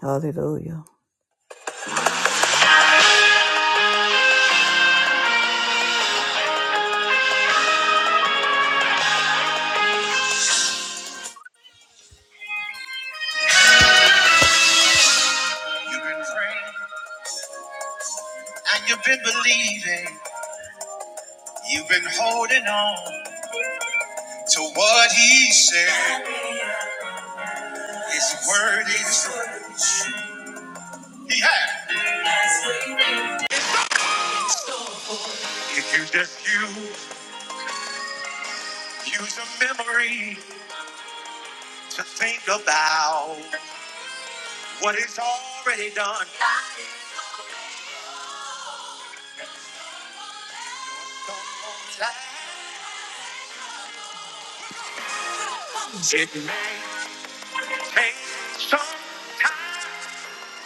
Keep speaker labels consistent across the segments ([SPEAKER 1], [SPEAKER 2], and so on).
[SPEAKER 1] Hallelujah. You've been praying and you've been believing. You've been holding on to what he said. His word is he had. If you just use use a memory to think about what is already done, it may take some time.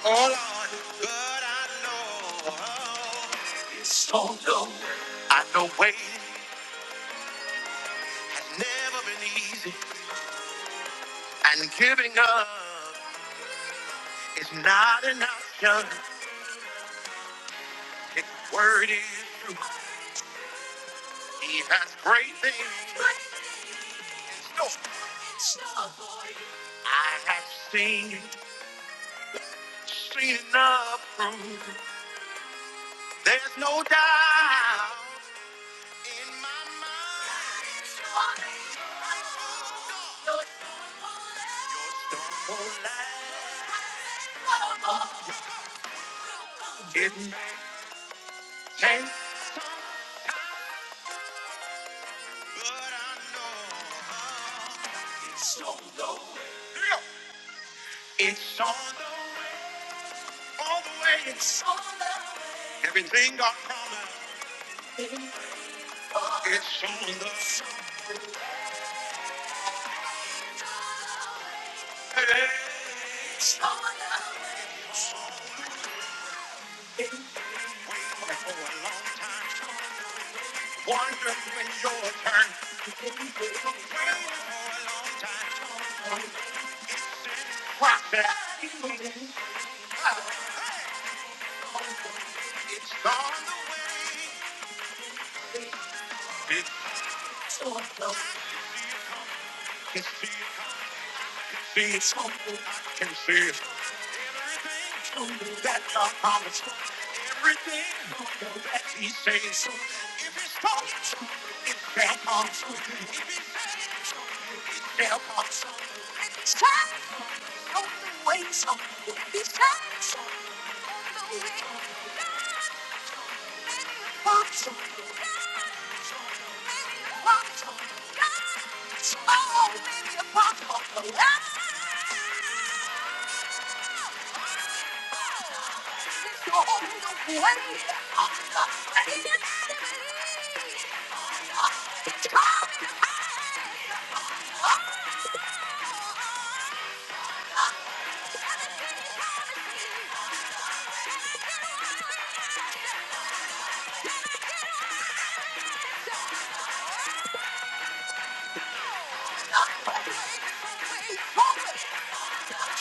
[SPEAKER 1] Hold on, but I know I know waiting has never been easy and giving up. It's not an option. His word is true. He has great things. No, I have seen, seen enough proof. There's no doubt in my mind. Your storm won't last. It may change, but I know it's on the way. It's on the way. All the way. It's on. Everything God promised. It's on the way. for a long time. Wondering when your turn. Process. It's on the way. It's, I can see it. I can see it. Something I can see it. Everything that God promised. Everything that He says. If it's talking, it shall come. If it's said it, it shall come. It's time. On the way. It's time. On the way.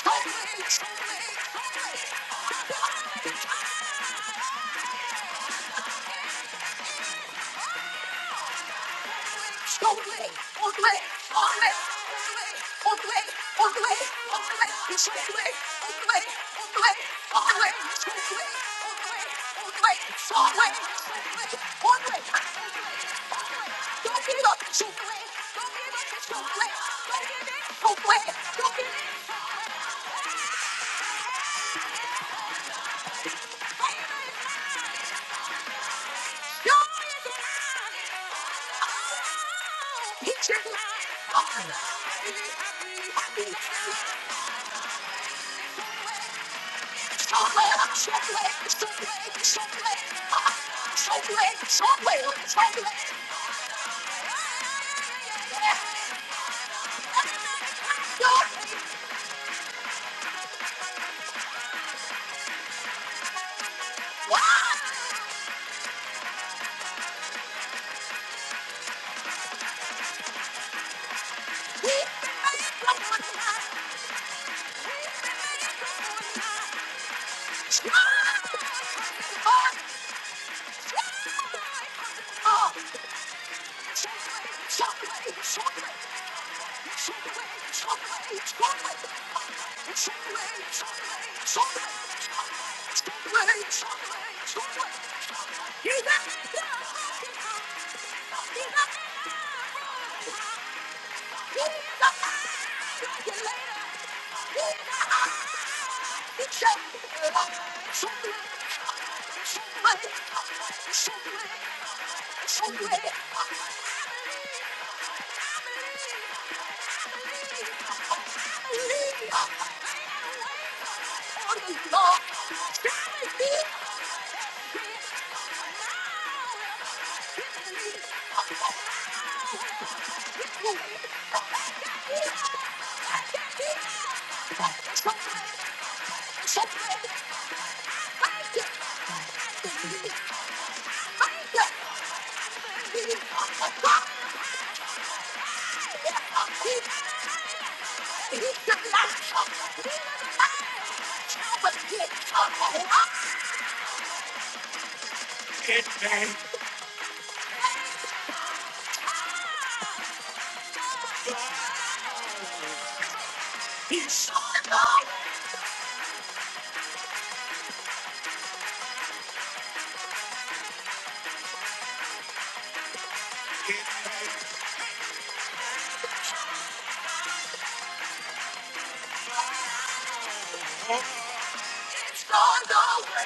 [SPEAKER 1] Totally, totally, totally. Go play, go play, go play, go play, go play, go play, go play, go play, go play, go play, go play, go play, go play, go play. Don't give it up. Go play, go play, go play, go play. Yo, you're mine. Oh, you're mine. Oh! Chocolate, Thank you. It's gone over.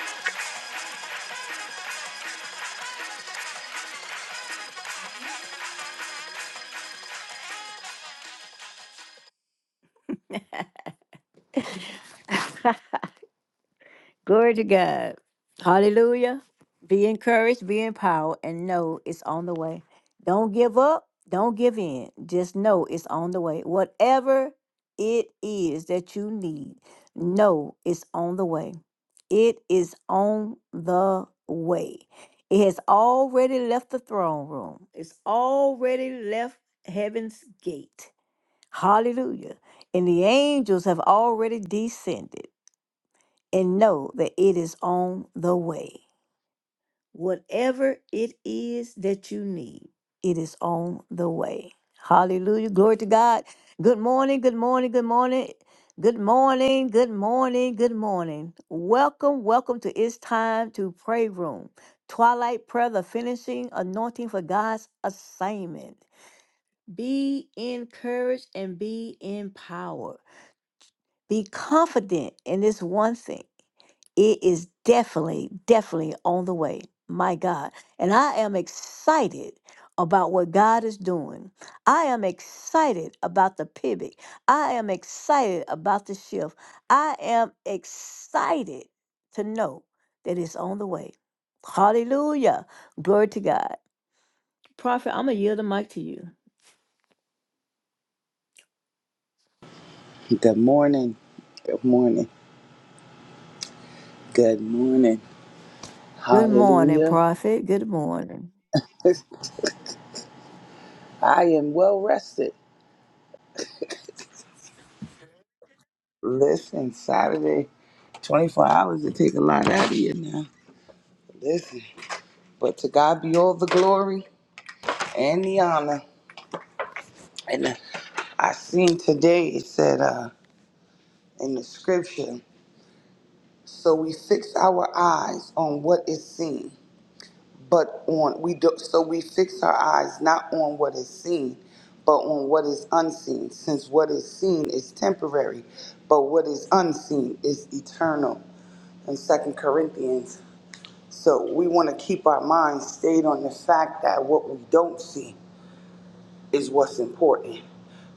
[SPEAKER 1] Glory to God. Hallelujah. Be encouraged, be empowered, and know it's on the way. Don't give up. Don't give in. Just know it's on the way. Whatever it is that you need, know it's on the way. It is on the way. It has already left the throne room, it's already left heaven's gate. Hallelujah. And the angels have already descended and know that it is on the way. Whatever it is that you need, it is on the way. Hallelujah. Glory to God. Good morning. Good morning. Good morning. Good morning. Good morning. Good morning. Welcome. Welcome to It's Time to Pray Room. Twilight Prayer, the finishing anointing for God's assignment. Be encouraged and be empowered. Be confident in this one thing it is definitely, definitely on the way. My God. And I am excited about what God is doing. I am excited about the pivot. I am excited about the shift. I am excited to know that it's on the way. Hallelujah. Glory to God. Prophet, I'm going to yield the mic to you.
[SPEAKER 2] Good morning. Good morning. Good morning.
[SPEAKER 1] Good morning,
[SPEAKER 2] Hallelujah.
[SPEAKER 1] Prophet. Good morning.
[SPEAKER 2] Yes, I am well rested. Listen, Saturday, 24 hours, it take a lot out of you now. Listen, but to God be all the glory and the honor. And uh, I seen today, it said uh, in the scripture, so we fix our eyes on what is seen but on we do so we fix our eyes not on what is seen but on what is unseen since what is seen is temporary but what is unseen is eternal in second corinthians so we want to keep our minds stayed on the fact that what we don't see is what's important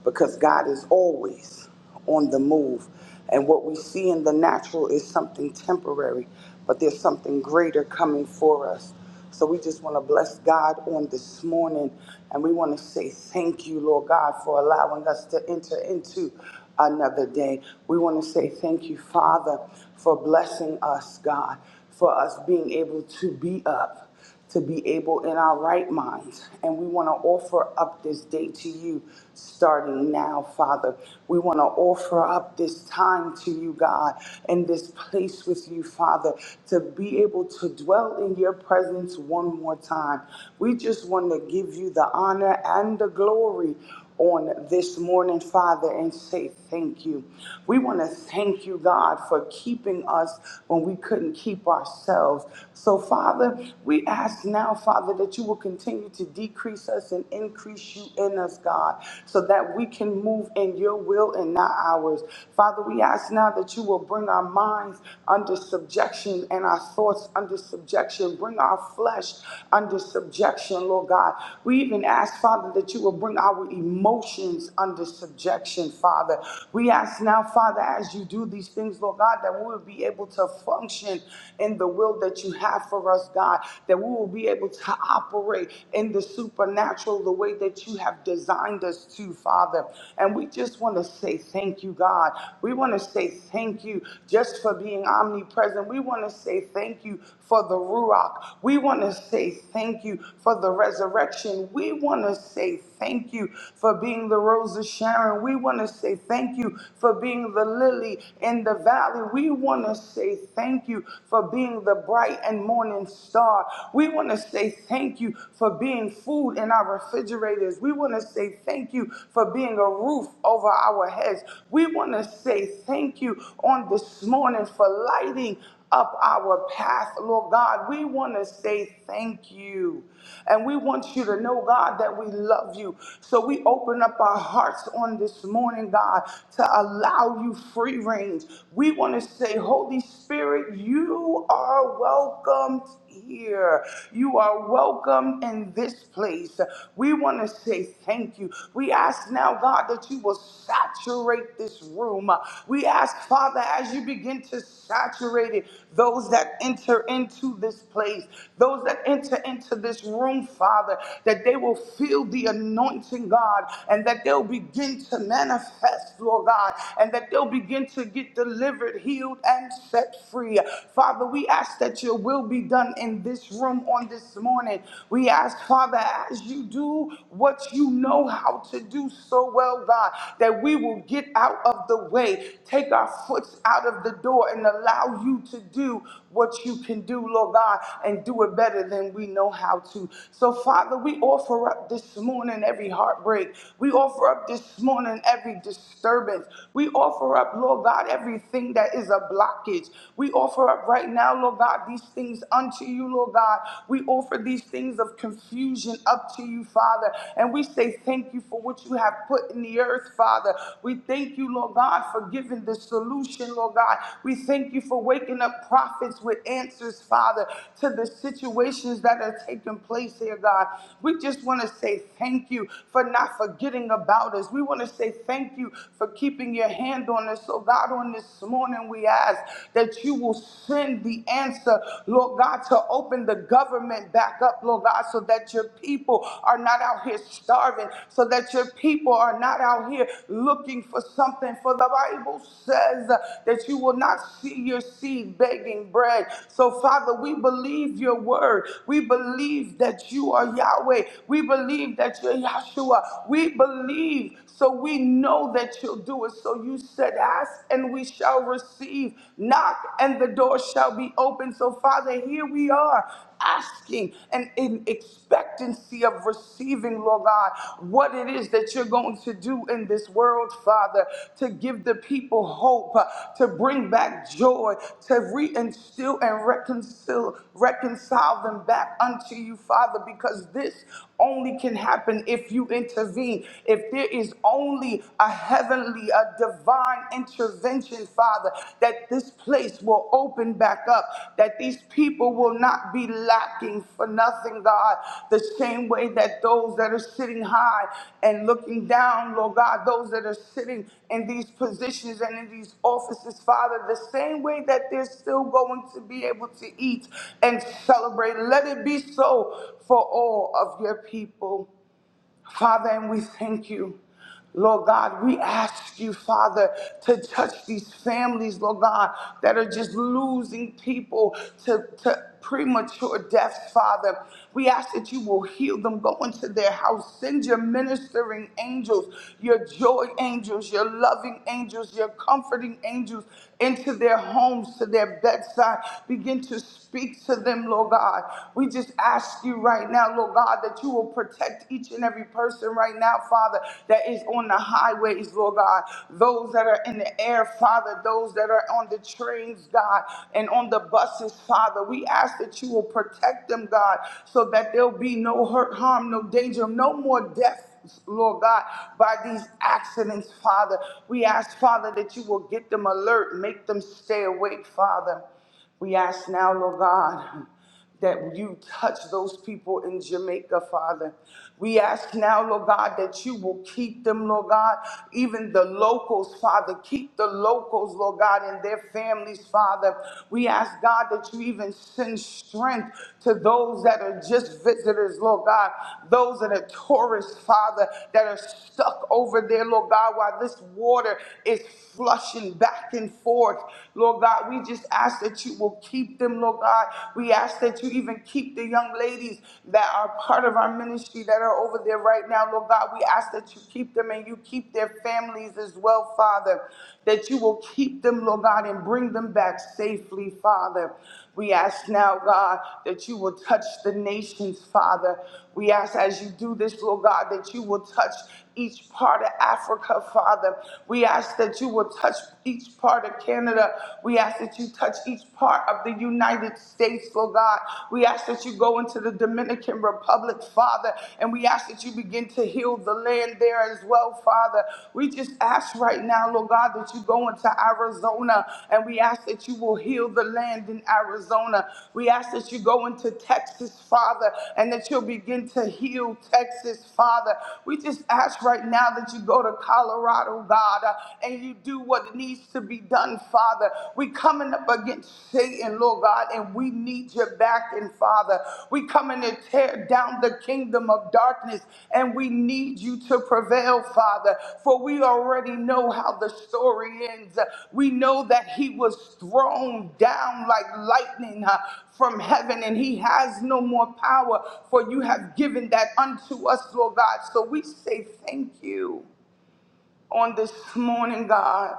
[SPEAKER 2] because God is always on the move. And what we see in the natural is something temporary, but there's something greater coming for us. So we just want to bless God on this morning. And we want to say thank you, Lord God, for allowing us to enter into another day. We want to say thank you, Father, for blessing us, God, for us being able to be up to be able in our right minds. And we want to offer up this day to you starting now, Father. We want to offer up this time to you, God, and this place with you, Father, to be able to dwell in your presence one more time. We just want to give you the honor and the glory on this morning, Father, and say thank you. We want to thank you, God, for keeping us when we couldn't keep ourselves. So, Father, we ask now, Father, that you will continue to decrease us and increase you in us, God, so that we can move in your will and not ours. Father, we ask now that you will bring our minds under subjection and our thoughts under subjection. Bring our flesh under subjection, Lord God. We even ask, Father, that you will bring our emotions emotions under subjection, Father. We ask now, Father, as you do these things, Lord God, that we will be able to function in the will that you have for us, God, that we will be able to operate in the supernatural the way that you have designed us to, Father. And we just want to say thank you, God. We want to say thank you just for being omnipresent. We want to say thank you for the Ruach. We want to say thank you for the resurrection. We want to say thank you for being the rose of Sharon. We want to say thank you for being the lily in the valley. We want to say thank you for being the bright and morning star. We want to say thank you for being food in our refrigerators. We want to say thank you for being a roof over our heads. We want to say thank you on this morning for lighting up our path, Lord God. We want to say thank you. And we want you to know, God, that we love you. So we open up our hearts on this morning, God, to allow you free range. We want to say, Holy Spirit, you are welcomed here. You are welcome in this place. We want to say thank you. We ask now, God, that you will saturate this room. We ask, Father, as you begin to saturate it, those that enter into this place, those that enter into this room, Father, that they will feel the anointing, God, and that they'll begin to manifest, Lord God, and that they'll begin to get delivered, healed, and set free. Father, Father, we ask that your will be done in this room on this morning. We ask, Father, as you do what you know how to do so well, God, that we will get out of the way, take our foots out of the door, and allow you to do what you can do, Lord God, and do it better than we know how to. So, Father, we offer up this morning every heartbreak. We offer up this morning every disturbance. We offer up, Lord God, everything that is a blockage. We offer up right now, Lord God, these things unto you, Lord God. We offer these things of confusion up to you, Father. And we say thank you for what you have put in the earth, Father. We thank you thank you, Lord God, for giving the solution, Lord God. We thank you for waking up prophets with answers, Father, to the situations that are taking place here, God. We just want to say thank you for not forgetting about us. We want to say thank you for keeping your hand on us. So, God, on this morning, we ask that you will send the answer, Lord God, to open the government back up, Lord God, so that your people are not out here starving, so that your people are not out here looking for something. For the Bible says uh, that you will not see your seed begging bread. So, Father, we believe your word. We believe that you are Yahweh. We believe that you're Yahshua. We believe so we know that you'll do it. So you said, Ask and we shall receive, knock and the door shall be open. So, Father, here we are asking and in expectancy of receiving, Lord God, what it is that you're going to do in this world, Father, to give the people hope, uh, to bring back joy, to reinstill and reconcile, reconcile them back unto you, Father, because this only can happen if you intervene intervene, if there is only a heavenly, a divine intervention, Father, that this place will open back up, that these people will not be lacking for nothing, God, the same way that those that are sitting high and looking down, Lord God, those that are sitting in these positions and in these offices, Father, the same way that they're still going to be able to eat and celebrate. Let it be so for all of your people. Father, and we thank you. Lord God, we ask you, Father, to touch these families, Lord God, that are just losing people to, to premature deaths, Father. We ask that you will heal them, go into their house, send your ministering angels, your joy angels, your loving angels, your comforting angels into their homes, to their bedside. Begin to speak to them, Lord God. We just ask you right now, Lord. Lord God, that you will protect each and every person right now, Father, that is on the highways, Lord God, those that are in the air, Father, those that are on the trains, God, and on the buses, Father. We ask that you will protect them, God, so that there'll be no hurt, harm, no danger, no more death. Lord God, by these accidents, Father, we ask, Father, that you will get them alert, make them stay awake, Father. We ask now, Lord God, that you touch those people in Jamaica, Father. We ask now, Lord God, that you will keep them, Lord God, even the locals, Father. Keep the locals, Lord God, and their families, Father. We ask, God, that you even send strength to those that are just visitors, Lord God, those that are tourists, Father, that are stuck over there, Lord God, while this water is flushing back and forth. Lord God, we just ask that you will keep them, Lord God. We ask that you even keep the young ladies that are part of our ministry that are over there right now, Lord God. We ask that you keep them and you keep their families as well, Father. That you will keep them, Lord God, and bring them back safely, Father. We ask now, God, that you will touch the nations, Father. We ask as you do this, Lord God, that you will touch each part of Africa, Father. We ask that you will touch each part of Canada. We ask that you touch each part of the United States, Lord God. We ask that you go into the Dominican Republic, Father, and we ask that you begin to heal the land there as well, Father. We just ask right now, Lord God. God, that you go into Arizona and we ask that you will heal the land in Arizona. We ask that you go into Texas, Father, and that you'll begin to heal Texas, Father. We just ask right now that you go to Colorado, God, uh, and you do what needs to be done, Father. We coming up against Satan, Lord God, and we need your backing, morning, Father. We come in to tear down the kingdom of darkness, and we need you to prevail, Father, for we already know how the story ends. We know that he was thrown down like lightning uh, from heaven, and he has no more power, for you have given that unto us, Lord God. So we say thank you on this morning, God.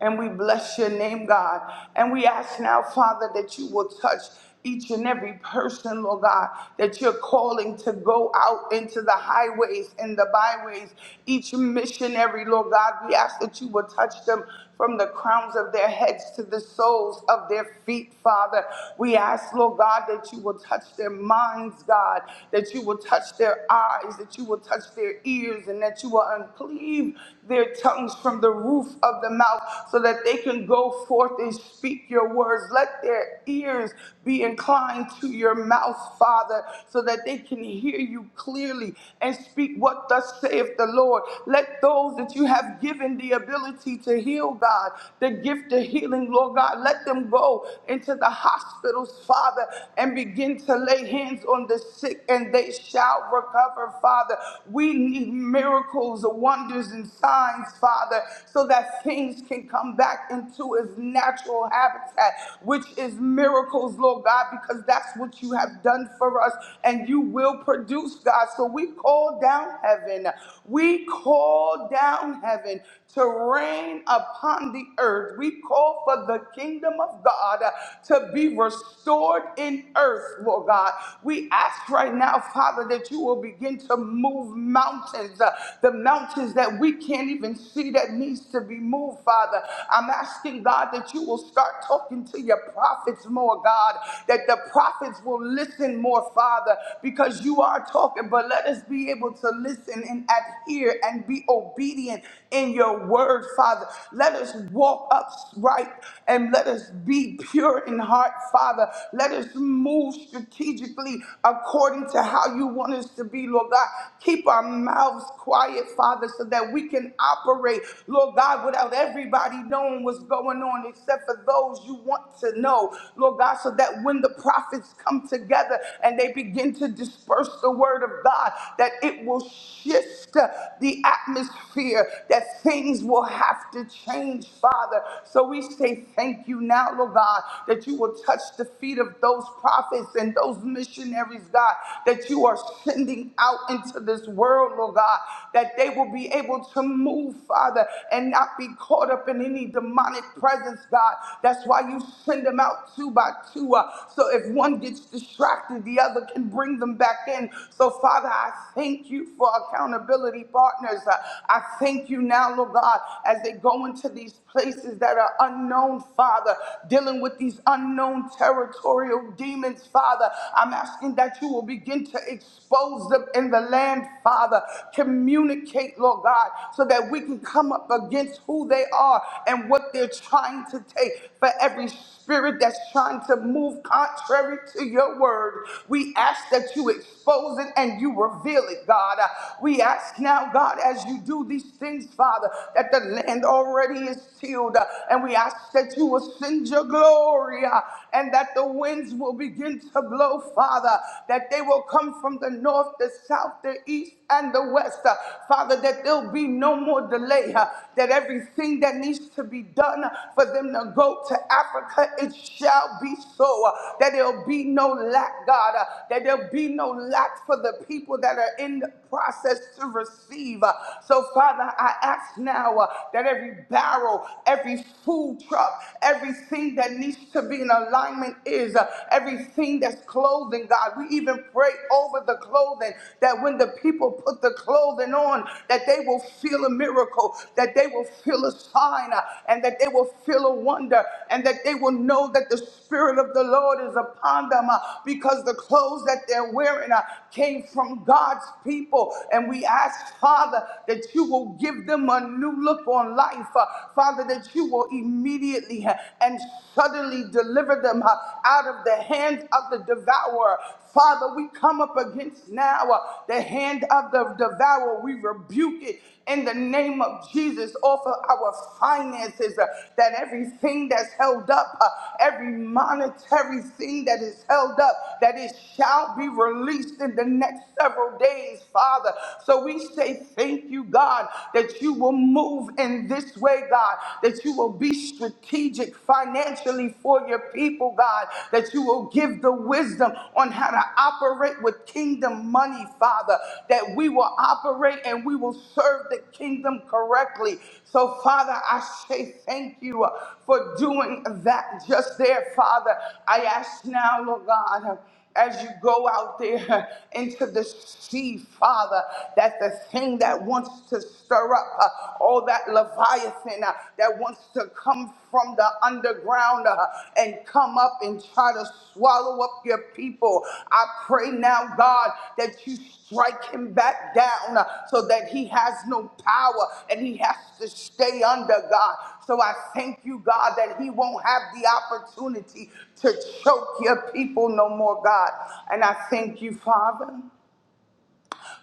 [SPEAKER 2] And we bless your name, God. And we ask now, Father, that you will touch each and every person, Lord God, that you're calling to go out into the highways and the byways. Each missionary, Lord God, we ask that you will touch them from the crowns of their heads to the soles of their feet, Father. We ask, Lord God, that you will touch their minds, God, that you will touch their eyes, that you will touch their ears, and that you will uncleave their tongues from the roof of the mouth so that they can go forth and speak your words. Let their ears be inclined to your mouth, Father, so that they can hear you clearly and speak what thus saith the Lord. Let those that you have given the ability to to heal, God, the gift of healing, Lord God. Let them go into the hospitals, Father, and begin to lay hands on the sick and they shall recover, Father. We need miracles, wonders, and signs, Father, so that things can come back into its natural habitat, which is miracles, Lord God, because that's what you have done for us and you will produce, God. So we call down heaven. We call down heaven to reign upon the earth. We call for the kingdom of God uh, to be restored in earth, Lord God. We ask right now, Father, that you will begin to move mountains, uh, the mountains that we can't even see that needs to be moved, Father. I'm asking God that you will start talking to your prophets more, God, that the prophets will listen more, Father, because you are talking, but let us be able to listen and and adhere and be obedient in your word, Father. Let us walk upright and let us be pure in heart, Father. Let us move strategically according to how you want us to be, Lord God. Keep our mouths quiet, Father, so that we can operate, Lord God, without everybody knowing what's going on except for those you want to know, Lord God, so that when the prophets come together and they begin to disperse the word of God, that it will shift shift uh, the atmosphere, that things will have to change, Father. So we say thank you now, Lord God, that you will touch the feet of those prophets and those missionaries, God, that you are sending out into this world, Lord God, that they will be able to move, Father, and not be caught up in any demonic presence, God. That's why you send them out two by two. uh, so if one gets distracted, the other can bring them back in. So, Father, I thank you for for accountability partners. Uh, I thank you now, Lord God, as they go into these places that are unknown, Father, dealing with these unknown territorial demons, Father. I'm asking that you will begin to expose them in the land, Father. Communicate, Lord God, so that we can come up against who they are and what they're trying to take for every spirit that's trying to move contrary to your word. We ask that you expose it and you reveal it, God. Uh, We ask now, God, as you do these things, Father, that the land already is tilled. Uh, And we ask that you will send your glory. uh, and that the winds will begin to blow, Father, that they will come from the north, the south, the east, and the west, uh, Father, that there'll be no more delay, uh, that everything that needs to be done for them to go to Africa, it shall be so, uh, that there'll be no lack, God, uh, that there'll be no lack for the people that are in the process to receive. uh, So, Father, I ask now uh, that every barrel, every food truck, Everything that needs to be in alignment is uh, everything that's clothing, God. We even pray over the clothing that when the people put the clothing on, that they will feel a miracle, that they will feel a sign, uh, and that they will feel a wonder, and that they will know that the Spirit of the Lord is upon them uh, because the clothes that they're wearing uh, came from God's people. And we ask, Father, that you will give them a new look on life, uh, Father, that you will immediately uh, and suddenly deliver them uh, out of the hands of the devourer. Father, we come up against now uh, the hand of the devourer. We rebuke it in the name of Jesus off of our finances, uh, that everything that's held up, uh, every monetary thing that is held up, that it shall be released in the next several days, Father. So we say thank you, God, that that you will move in this way, God, that you will be strategic financially for your people, God, that you will give the wisdom on how to operate with kingdom money, Father, that we will operate and we will serve the kingdom correctly. So, Father, I say thank you uh, for doing that just there, Father. I ask now, Lord God. uh, as you go out there into the sea, Father, that the thing that wants to stir up uh, all that Leviathan uh, that wants to come from the underground uh, and come up and try to swallow up your people. I pray pray now, God, that you strike him back down uh, so that he has no power and he has to stay under God. So I thank you, God, that he won't have the opportunity to choke your people no more, God. And I thank you, Father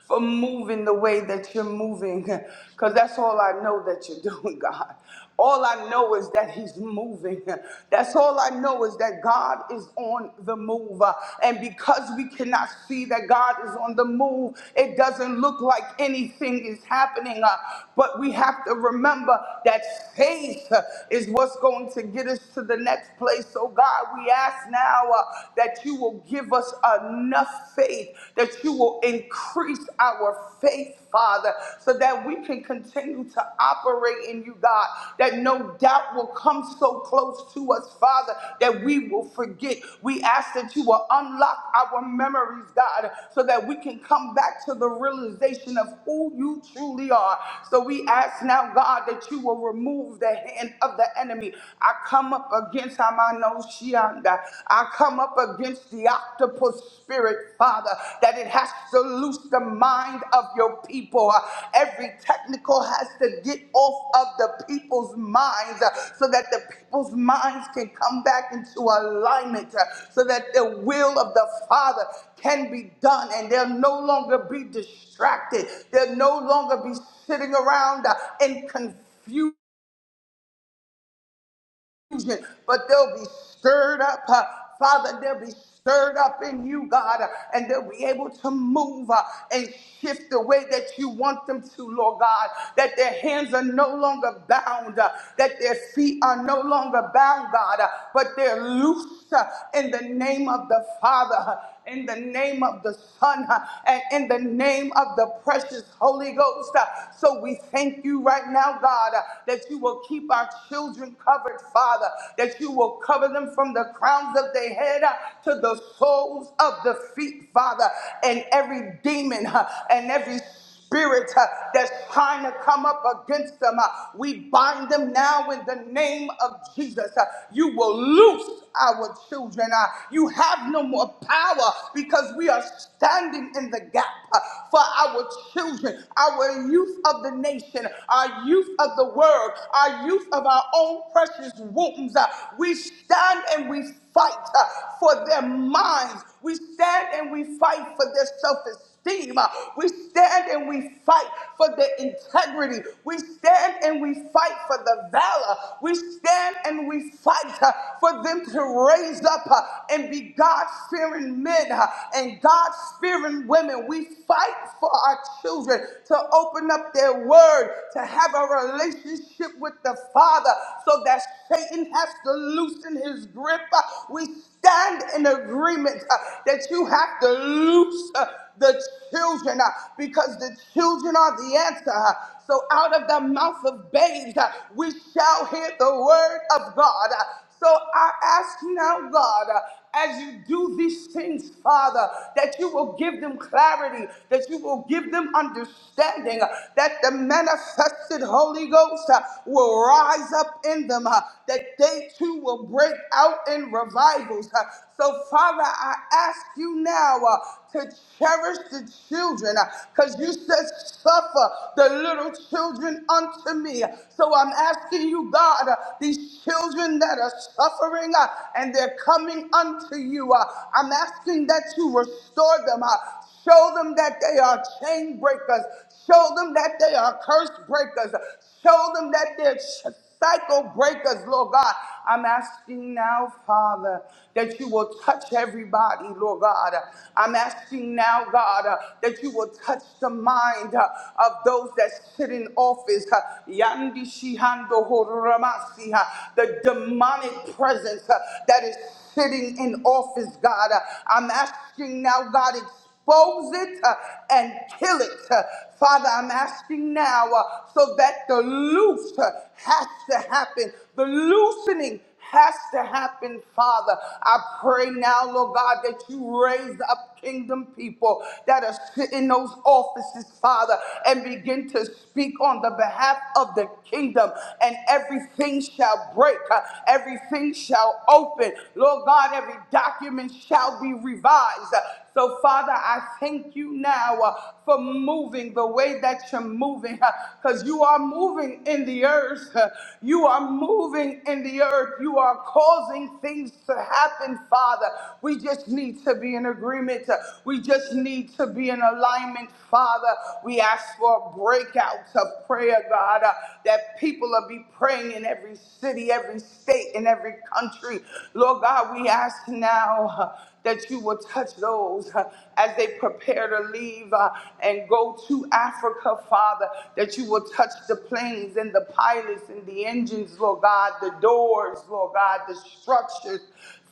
[SPEAKER 2] for moving the way that you're moving. Because that's all I know that you're doing, God. All I know is that He's moving. That's all I know is that God is on the move. And because we cannot see that God is on the move, it doesn't look like anything is happening. Uh, But we have to remember that faith uh, is what's going to get us to the next place. So, God, we ask now uh, that you will give us give us enough faith that you will increase our faith, Father, so that we can continue to operate in you, God, that no doubt will come so close to us, Father, that we will forget. We ask that you will unlock our memories, God, so that we can come back to the realization of who you truly are. So we ask now, God, that you will remove the hand of the enemy. I come up against Etamanosianda. I come up against the octopus spirit, Father, that it has to loose the mind of your people. Uh, Every technical has to get off of the people's minds uh, so that the people's minds can come back into alignment, uh, so that the will of the Father can be done and they'll no longer be distracted. They'll no longer be sitting around uh, in confusion confusion, but they'll be stirred up. uh, Father, they'll be stirred up in you, God, uh, and they'll be able to move uh, and shift the way that you want them to, Lord God, that their hands are no longer bound, uh, that their feet are no longer bound, God, uh, but they're loose uh, in the name of the Father in the name of the Son uh, and in the name of the precious Holy Ghost. uh. So we thank you right now, God, uh, that you will keep our children covered, Father, that you will cover them from the crowns of their head uh, to the soles of the feet, Father, and every demon uh, and every spirit uh, that's trying to come up against them. uh, we bind them now in the name of Jesus. Uh, you will loose our children. Uh, you have no more power because we are standing in the gap uh, for our children, our youth of the nation, our youth of the world, our youth of our own precious wombs. Uh, we stand and we fight uh, for their minds. We stand and we fight for their self esteem. We stand and we fight for the integrity. We stand and we fight for the valor. We stand and we fight uh, for them to raise up uh, and be God fearing men uh, and God fearing women. We fight for our children to open up their word, to have a relationship with the Father so that Satan has to loosen his grip. Uh, We stand in agreement uh, that you have to loose. uh, the children uh, because the children are the answer. uh. So out of the mouth of babes, uh, we shall hear the word of God. uh. So I ask now, God, uh, as you do these things, Father, that you will give them clarity, that you will give them understanding, uh, that the manifested Holy Ghost uh, will rise up in them, uh, that they too will break out in revivals. Uh, So, Father, I ask you now uh, to cherish the children because you said, Suffer the little children unto me. So, I'm asking you, God, uh, these children that are suffering uh, and they're coming unto you, uh, I'm asking that you restore them. uh, Show them that they are chain breakers. Show them that they are curse breakers. Show them that they're ch- cycle breakers, Lord God. I'm asking now, Father, that you will touch everybody, Lord God. I'm asking now, God, uh, that you will touch the mind uh, of those that sit in office. uh, Yandi Shihando Horamasi, uh, The demonic presence uh, that is sitting in office, God. Uh, I'm asking now, God, expose it uh, and kill it. Uh, Father, I'm asking now uh, so that the loose uh, has to happen, the loosening has to happen, Father. I pray now, Lord God, that you raise up kingdom people that are sitting in those offices, Father, and begin to speak on the behalf of the kingdom, and everything shall break, uh, everything shall open. Lord God, every document shall be revised, so, Father, I thank you now uh, for moving the way that you're moving because you are moving in the earth. uh, You are moving in the earth. You are causing things to happen, Father. We just need to be in agreement. uh, We just need to be in alignment, Father. We ask for a breakout of prayer, God, uh, that people will be praying in every city, every state, in every country. Lord God, we ask now. uh, that you will touch those uh, as they prepare to leave uh, and go to Africa, Father, that you will touch the planes and the pilots and the engines, Lord God, the doors, Lord God, the structures.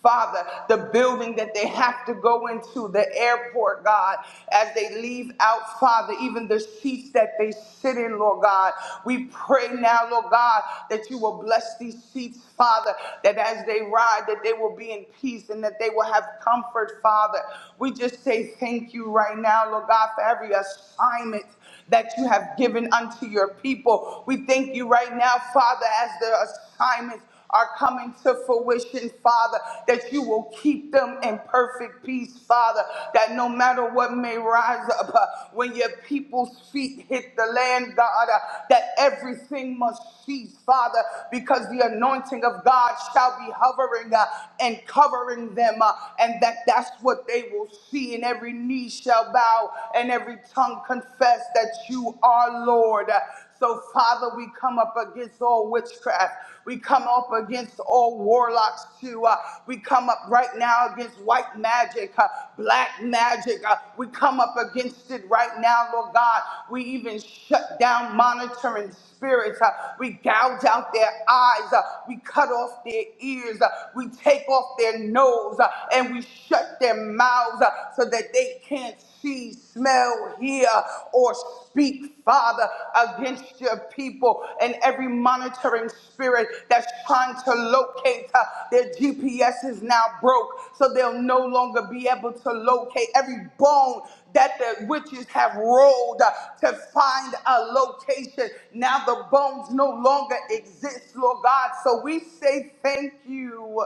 [SPEAKER 2] Father, the building that they have to go into, the airport, God, as they leave out, Father, even the seats that they sit in, Lord God. We pray now, Lord God, that you will bless these seats, Father, that as they ride, that they will be in peace and and that they will have comfort, Father. We just say thank you right now, Lord God, for every assignment that you have given unto your people. We thank you right now, Father, as the assignments are coming to fruition, Father, that you will keep them in perfect peace, Father, that no matter what may rise up uh, when your people's feet hit the land, God, uh, that everything must cease, Father, because the anointing of God shall be hovering. uh, and covering them, uh, and that that's what they will see, and every knee shall bow, and every tongue confess that you are Lord. So, Father, we come up against all witchcraft. We come up against all warlocks, too. Uh, we come up right now against white magic, uh, black magic. Uh, we come up against it right now, Lord God. We even shut down monitoring spirits. Uh, we gouge out their eyes. Uh, we cut off their ears ears. Uh, We take off their nose uh, and we shut their mouths uh, so that they can't see, smell, hear, or speak, Father, against your people and every monitoring spirit that's trying to locate uh, their GPS is now broke, so they'll no longer be able to locate every bone that the witches have rolled uh, to find a location. Now the bones no longer exist, Lord God. So we say thank you.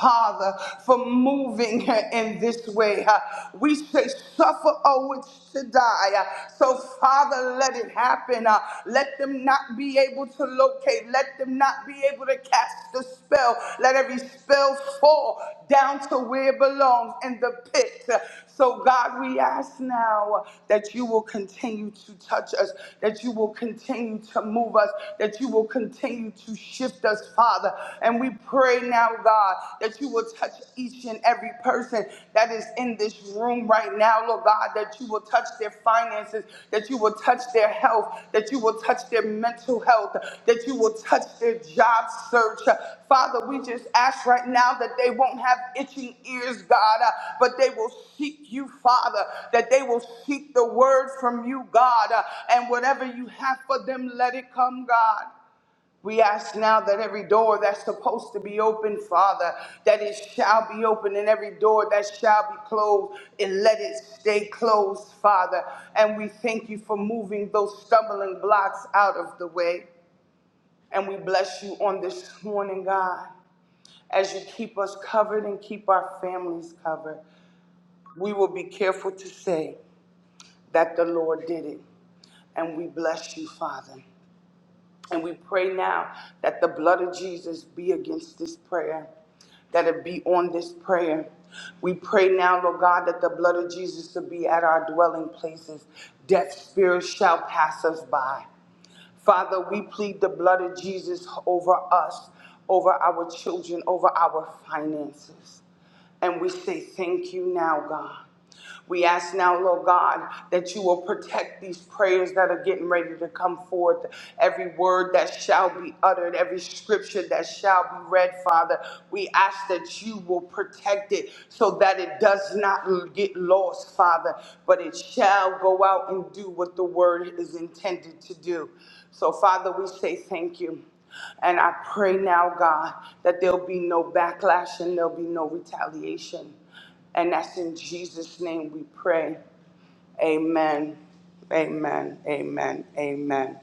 [SPEAKER 2] Father, for moving uh, in this way. Uh, We say, suffer a witch to die. Uh, So, Father, let it happen. Uh, Let them not be able to locate. Let them not be able to cast the spell. Let every spell fall down to where it belongs in the pit. Uh, so, God, we ask now that you will continue to touch us, that you will continue to move us, that you will continue to shift us, Father. And we pray now, God, that you will touch each and every person that is in this room right now, Lord God, that you will touch their finances, that you that you will touch their health, that you will touch their mental health, that you will touch their job search. Father, we just ask right now that they won't have itching ears, God, uh, but they will seek you, Father, that they will seek the word from you, God, uh, and whatever you have for them, let it come, God. We ask now that every door that's supposed to be open, Father, that it shall be open, and every door that shall be closed, and let it stay closed, Father. And we thank you for moving those stumbling blocks out of the way. And we bless you on this morning, God as you keep us covered and keep our families covered. We will be careful to say that the Lord did it. And we bless you, Father. And we pray now that the blood of Jesus be against this prayer, that it be on this prayer. We pray now, Lord God, that the blood of Jesus will be at our dwelling places. Death spirits shall pass us by. Father, we plead the blood of Jesus over us, over our children, over our finances. And we say, Thank you now, God. We ask now, Lord God, that you will protect these prayers that are getting ready to come forth. Every word that shall be uttered, every scripture that shall be read, Father, we ask that you will protect it so that it does not get lost, Father, but it shall go out and do what the word is intended to do. So, Father, we say thank you. And I pray now, God, that there'll be no backlash and there'll be no retaliation. And that's in Jesus' name we pray. Amen. Amen. Amen. Amen.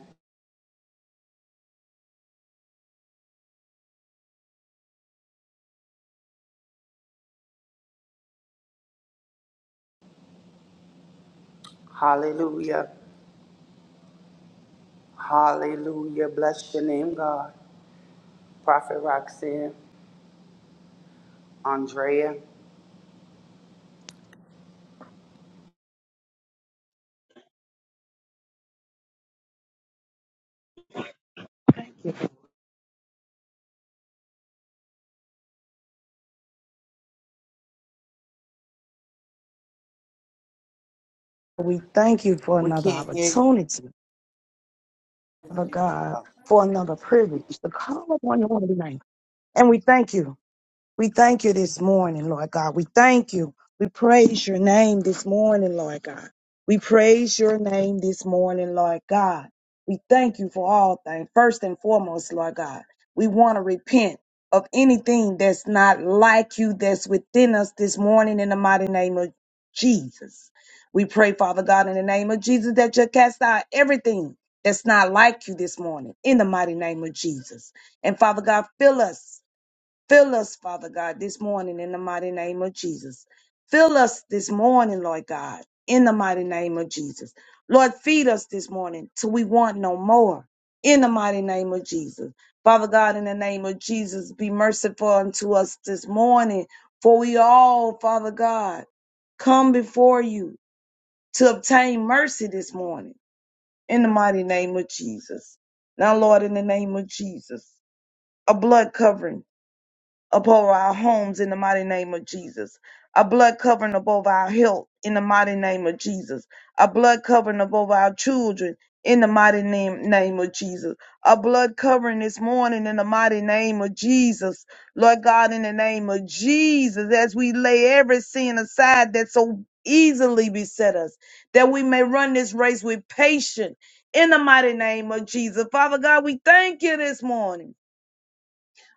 [SPEAKER 2] Hallelujah. Hallelujah. Bless your name, God. Prophet Roxanne, Andrea.
[SPEAKER 3] We thank you for
[SPEAKER 2] We
[SPEAKER 3] another
[SPEAKER 2] can't hear you.
[SPEAKER 3] opportunity, Father God, for another privilege to call upon your name. And we thank you. We thank you this morning, Lord God. We thank you. We praise your name this morning, Lord God. We praise your name this morning, Lord God. We thank you for all things. First and foremost, Lord God, we want to repent of anything that's not like you that's within us this morning in the mighty name of Jesus. We pray, Father God, in the name of Jesus, that you cast out everything that's not like you this morning in the mighty name of Jesus. And Father God, fill us Fill us, Father God, this morning in the mighty name of Jesus. Fill us this morning, Lord God, in the mighty name of Jesus. Lord, feed us this morning till we want no more in the mighty name of Jesus. Father God, in the name of Jesus, be merciful unto us this morning, for we all, Father God, come before you to obtain mercy this morning in the mighty name of Jesus. Now, Lord, in the name of Jesus, a blood covering above our homes in the mighty name of Jesus. A blood covering above our health in the mighty name of Jesus. A blood covering above our children in the mighty name, name of Jesus. A blood covering this morning in the mighty name of Jesus. Lord God, in the name of Jesus, as we lay every sin aside that so easily beset us, that we may run this race with patience in the mighty name of Jesus. Father God, we thank you this morning.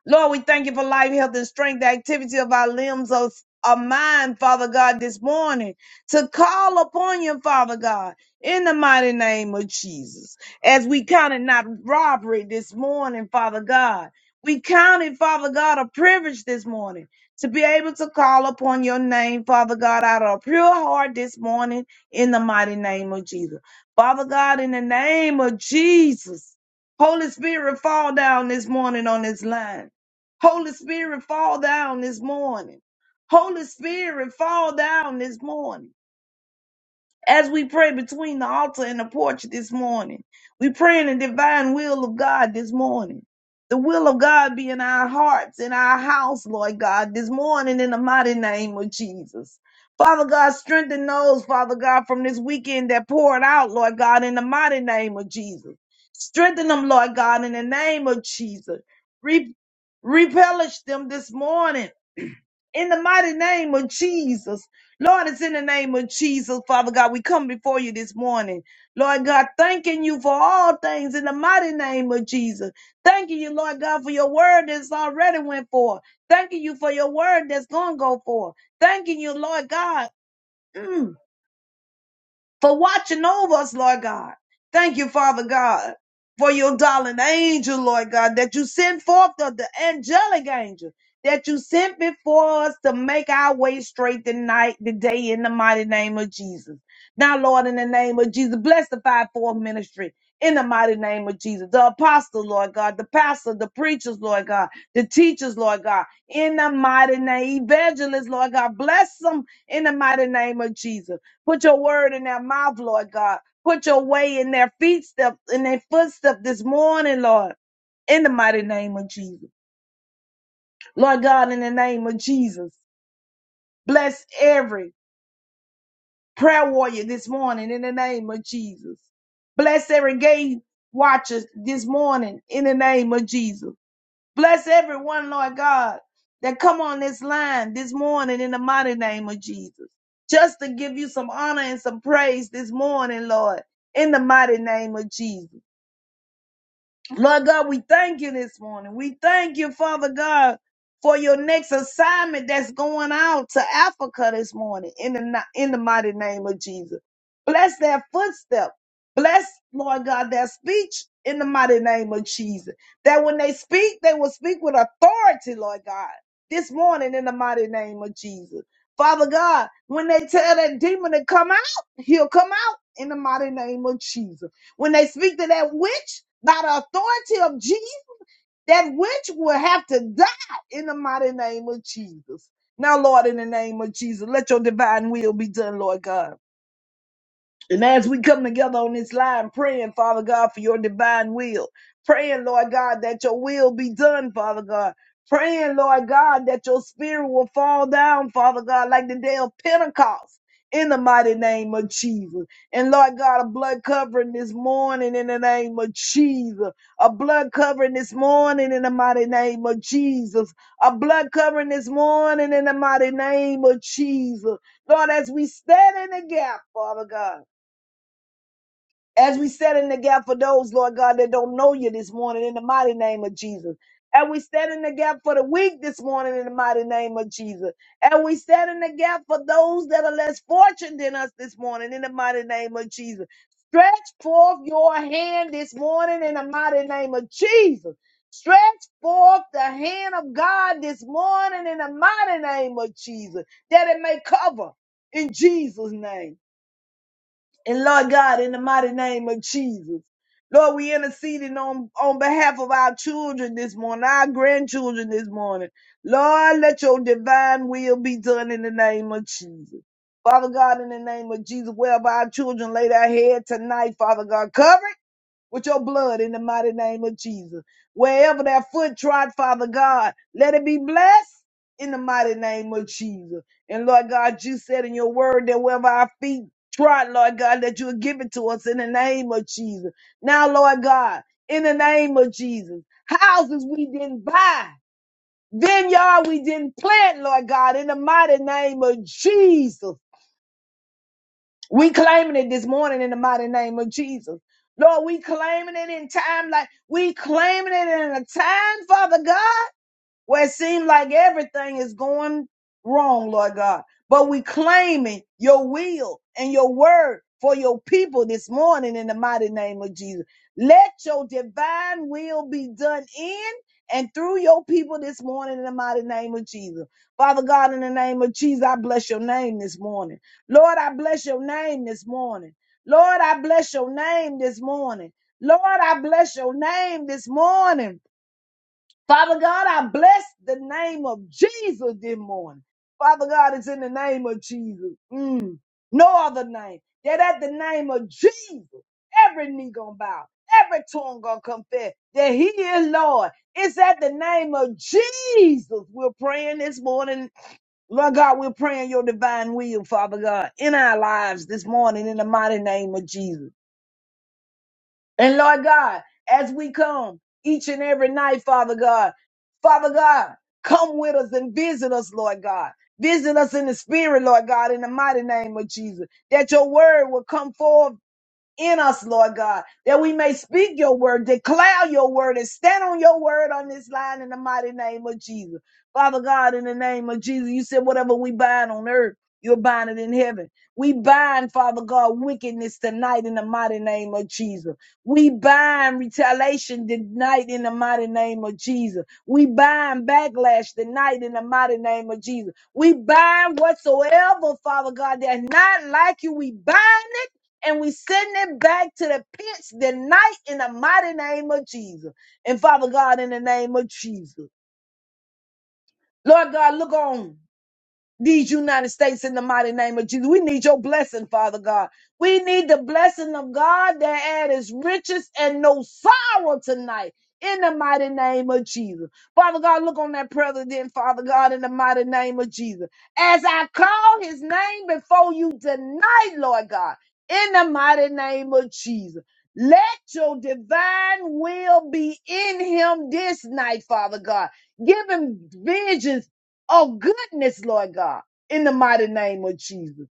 [SPEAKER 3] Lord, we thank you for life, health, and strength, the activity of our limbs, of our mind, Father God, this morning to call upon you, Father God, in the mighty name of Jesus. As we counted not robbery this morning, Father God, we counted, Father God, a privilege this morning to be able to call upon your name, Father God, out of a pure heart this morning in the mighty name of Jesus. Father God, in the name of Jesus, Holy Spirit, fall down this morning on this line. Holy Spirit, fall down this morning. Holy Spirit, fall down this morning. As we pray between the altar and the porch this morning, we pray in the divine will of God this morning. The will of God be in our hearts, in our house, Lord God, this morning in the mighty name of Jesus. Father God, strengthen those, Father God, from this weekend that poured out, Lord God, in the mighty name of Jesus. Strengthen them, Lord God, in the name of Jesus. Re- repellish them this morning in the mighty name of Jesus. Lord, it's in the name of Jesus, Father God. We come before you this morning. Lord God, thanking you for all things in the mighty name of Jesus. Thanking you, Lord God, for your word that's already went forth. Thanking you for your word that's going to go forth. Thanking you, Lord God. Mm for watching over us, Lord God. Thank you, Father God, for your darling angel, Lord God, that you sent forth the, the angelic angel that you sent before us to make our way straight tonight, day, in the mighty name of Jesus. Now, Lord, in the name of Jesus, bless the fivefold ministry. In the mighty name of Jesus, the apostle, Lord God, the pastor, the preachers, Lord God, the teachers, Lord God, in the mighty name, evangelists, Lord God, bless them in the mighty name of Jesus. Put your word in their mouth, Lord God. Put your way in their feet step, in their footstep this morning, Lord. In the mighty name of Jesus. Lord God, in the name of Jesus. Bless every prayer warrior this morning in the name of Jesus. Bless every gate watcher this morning in the name of Jesus. Bless everyone, Lord God, that come on this line this morning in the mighty name of Jesus. Just to give you some honor and some praise this morning, Lord, in the mighty name of Jesus. Lord God, we thank you this morning. We thank you, Father God, for your next assignment that's going out to Africa this morning in the, ni- in the mighty name of Jesus. Bless their footstep. Bless, Lord God, their speech in the mighty name of Jesus. That when they speak, they will speak with authority, Lord God, this morning in the mighty name of Jesus. Father God, when they tell that demon to come out, he'll come out in the mighty name of Jesus. When they speak to that witch, by the authority of Jesus, that witch will have to die in the mighty name of Jesus. Now, Lord, in the name of Jesus, let your divine will be done, Lord God. And as we come together on this line, praying, Father God, for your divine will, praying, Lord God, that your will be done, Father God, praying, Lord God, that your spirit will fall down, Father God, like the day of Pentecost. In the mighty name of Jesus. And Lord God, a blood covering this morning in the name of Jesus. A blood covering this morning in the mighty name of Jesus. A blood covering this morning in the mighty name of Jesus. Lord, as we stand in the gap, Father God as we stand in the gap for those, Lord God, that don't know you this morning in the mighty name of Jesus. And we stand in the gap for the weak this morning in the mighty name of Jesus. And we stand in the gap for those that are less fortunate than us this morning in the mighty name of Jesus. Stretch forth your hand this morning in the mighty name of Jesus. Stretch forth the hand of God this morning in the mighty name of Jesus, that it may cover in Jesus' name and Lord God, in the mighty name of Jesus, Lord, we interceding on, on behalf of our children this morning, our grandchildren this morning. Lord, let your divine will be done in the name of Jesus. Father God, in the name of Jesus, wherever our children lay their head tonight, Father God, cover it with your blood in the mighty name of Jesus. Wherever that foot trod, Father God, let it be blessed in the mighty name of Jesus. And Lord God, you said in your word that wherever our feet trod, Lord God, that you would give it to us in the name of Jesus. Now, Lord God, in the name of Jesus, houses we didn't buy, vineyard we didn't plant, Lord God, in the mighty name of Jesus. We claiming it this morning in the mighty name of Jesus. Lord, we claiming it in time like we claiming it in a time, Father God where it seems like everything is going wrong, Lord God. But we claiming your will and your word for your people this morning in the mighty name of Jesus. Let your divine will be done in and through your people this morning in the mighty name of Jesus. Father God, in the name of Jesus, I bless your name this morning. Lord, I bless your name this morning. Lord, I bless your name this morning. Lord, I bless your name this morning. Father God, I bless the name of Jesus this morning. Father God, it's in the name of Jesus. Mm, no other name. That at the name of Jesus, every knee gonna bow, every tongue gonna confess that He is Lord. It's at the name of Jesus. We're praying this morning. Lord God, we're praying your divine will, Father God, in our lives this morning in the mighty name of Jesus. And Lord God, as we come each and every night, Father God, Father God, come with us and visit us, Lord God. Visit us in the spirit, Lord God, in the mighty name of Jesus, that your word will come forth in us, Lord God, that we may speak your word, declare your word, and stand on your word on this line in the mighty name of Jesus. Father God, in the name of Jesus, you said whatever we bind on earth, you'll bind it in heaven. We bind, Father God, wickedness tonight in the mighty name of Jesus. We bind retaliation tonight in the mighty name of Jesus. We bind backlash tonight in the mighty name of Jesus. We bind whatsoever, Father God, that's not like you. We bind and we send it back to the pits tonight in the mighty name of Jesus. And Father God, in the name of Jesus. Lord God, look on these United States in the mighty name of Jesus. We need your blessing, Father God. We need the blessing of God that add is riches and no sorrow tonight. In the mighty name of Jesus. Father God, look on that president, Father God, in the mighty name of Jesus. As I call his name before you tonight, Lord God, in the mighty name of Jesus. Let your divine will be in him this night, Father God. Give him visions Oh, goodness, Lord God, in the mighty name of Jesus.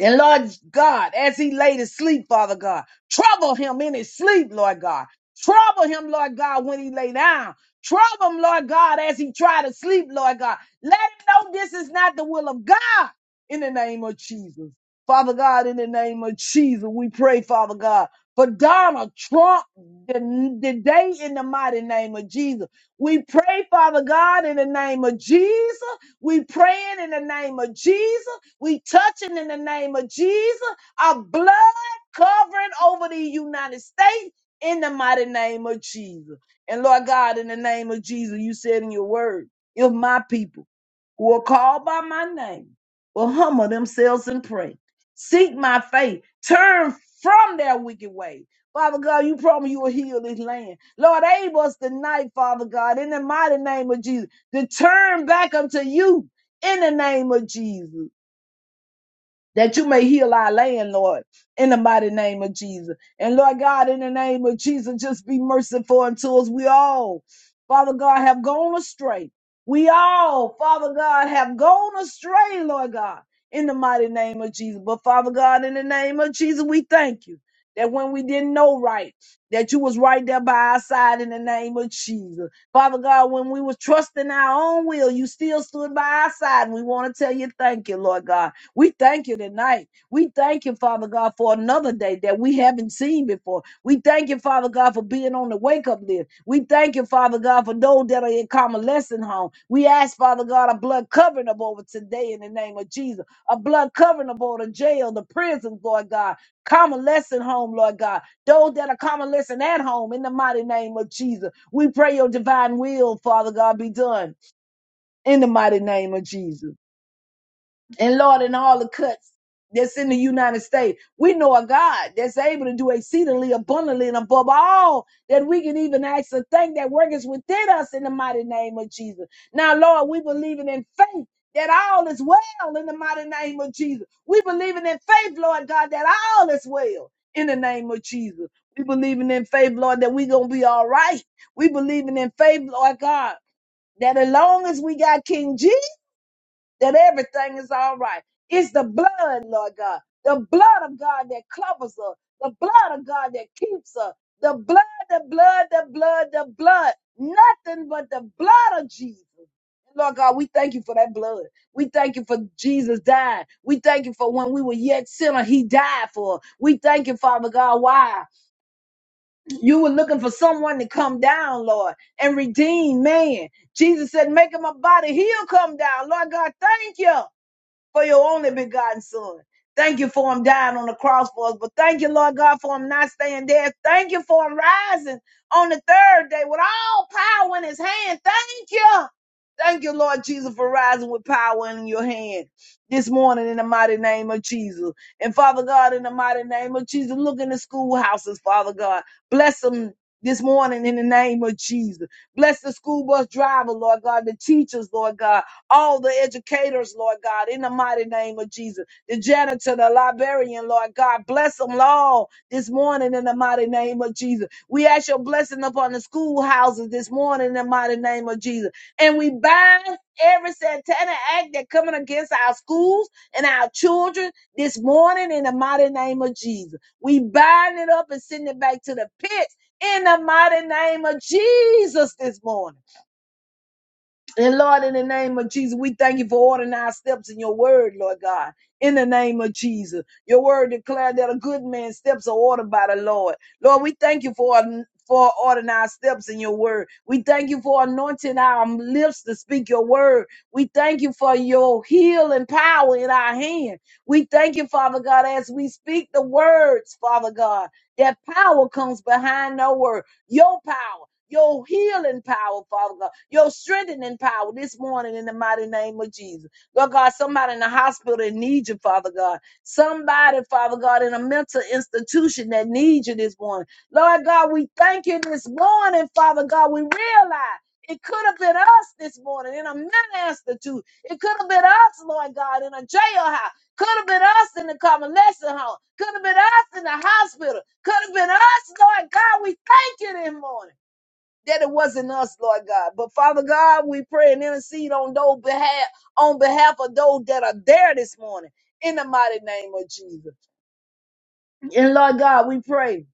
[SPEAKER 3] And Lord God, as he laid to sleep, Father God, trouble him in his sleep, Lord God. Trouble him, Lord God, when he lay down. Trouble him, Lord God, as he try to sleep, Lord God. Let him know this is not the will of God in the name of Jesus. Father God, in the name of Jesus, we pray, Father God, for Donald Trump the, the day in the mighty name of Jesus. We pray, Father God, in the name of Jesus. We praying in the name of Jesus. We touching in the name of Jesus, our blood covering over the United States in the mighty name of Jesus. And Lord God, in the name of Jesus, you said in your word, if my people who are called by my name will humble themselves and pray, seek my face, turn from their wicked way. Father God, you promise you will heal this land. Lord, aid us tonight, Father God, in the mighty name of Jesus, to turn back unto you in the name of Jesus that you may heal our land, Lord, in the mighty name of Jesus. And Lord God, in the name of Jesus, just be merciful unto us. We all, Father God, have gone astray. We all, Father God, have gone astray, Lord God, in the mighty name of Jesus. But Father God, in the name of Jesus, we thank you that when we didn't know right, that you was right there by our side in the name of Jesus. Father God, when we was trusting our own will, you still stood by our side. And we want to tell you thank you, Lord God. We thank you tonight. We thank you, Father God, for another day that we haven't seen before. We thank you, Father God, for being on the wake up list. We thank you, Father God, for those that are in convalescent home. We ask, Father God, a blood covering up over today in the name of Jesus, a blood covering up over the jail, the prisons, Lord God, convalescent home, Lord God, those that are convalescent at home in the mighty name of Jesus. We pray your divine will, Father God, be done in the mighty name of Jesus and Lord, in all the cuts that's in the United States, we know a God that's able to do exceedingly abundantly and above all that we can even ask a thing that worketh within us in the mighty name of Jesus. Now, Lord, we believing in faith. That all is well in the mighty name of Jesus. We believing in faith, Lord God, that all is well in the name of Jesus. We believing in faith, Lord, that we gonna be all right. We believing in faith, Lord God, that as long as we got King Jesus that everything is all right. It's the blood, Lord God, the blood of God that covers us, the blood of God that keeps us, the blood, the blood, the blood, the blood, nothing but the blood of Jesus. Lord God, we thank you for that blood. We thank you for Jesus dying. We thank you for when we were yet sinner, he died for. us. We thank you, Father God. Why? You were looking for someone to come down, Lord, and redeem man. Jesus said, make him a body. He'll come down. Lord God, thank you for your only begotten son. Thank you for him dying on the cross for us. But thank you, Lord God, for him not staying dead. Thank you for him rising on the third day with all power in his hand. Thank you. Thank you, Lord Jesus, for rising with power in your hand this morning in the mighty name of Jesus. And Father God, in the mighty name of Jesus, look in the schoolhouses, Father God. Bless them this morning in the name of Jesus. Bless the school bus driver, Lord God, the teachers, Lord God all the educators, Lord God, in the mighty name of Jesus. The janitor, the librarian, Lord God, bless them all this morning in the mighty name of Jesus. We ask your blessing upon the schoolhouses this morning in the mighty name of Jesus. And we bind every satanic act that coming against our schools and our children this morning in the mighty name of Jesus. We bind it up and send it back to the pits in the mighty name of Jesus this morning. And Lord, in the name of Jesus, we thank you for ordering our steps in your word, Lord God. In the name of Jesus, your word declared that a good man's steps are ordered by the Lord. Lord, we thank you for for ordering our steps in your word. We thank you for anointing our lips to speak your word. We thank you for your healing power in our hand. We thank you, Father God, as we speak the words, Father God, that power comes behind no word. Your power your healing power, Father God, your strengthening power this morning in the mighty name of Jesus. Lord God, somebody in the hospital that needs you, Father God. Somebody, Father God, in a mental institution that needs you this morning. Lord God, we thank you this morning, Father God. We realize it could have been us this morning in a mental institute. It could have been us, Lord God, in a jailhouse. Could have been us in the convalescent home. Could have been us in the hospital. Could have been us, Lord God. We thank you this morning that it wasn't us, Lord God. But Father God, we pray and intercede on those behalf on behalf of those that are there this morning in the mighty name of Jesus. And Lord God, we pray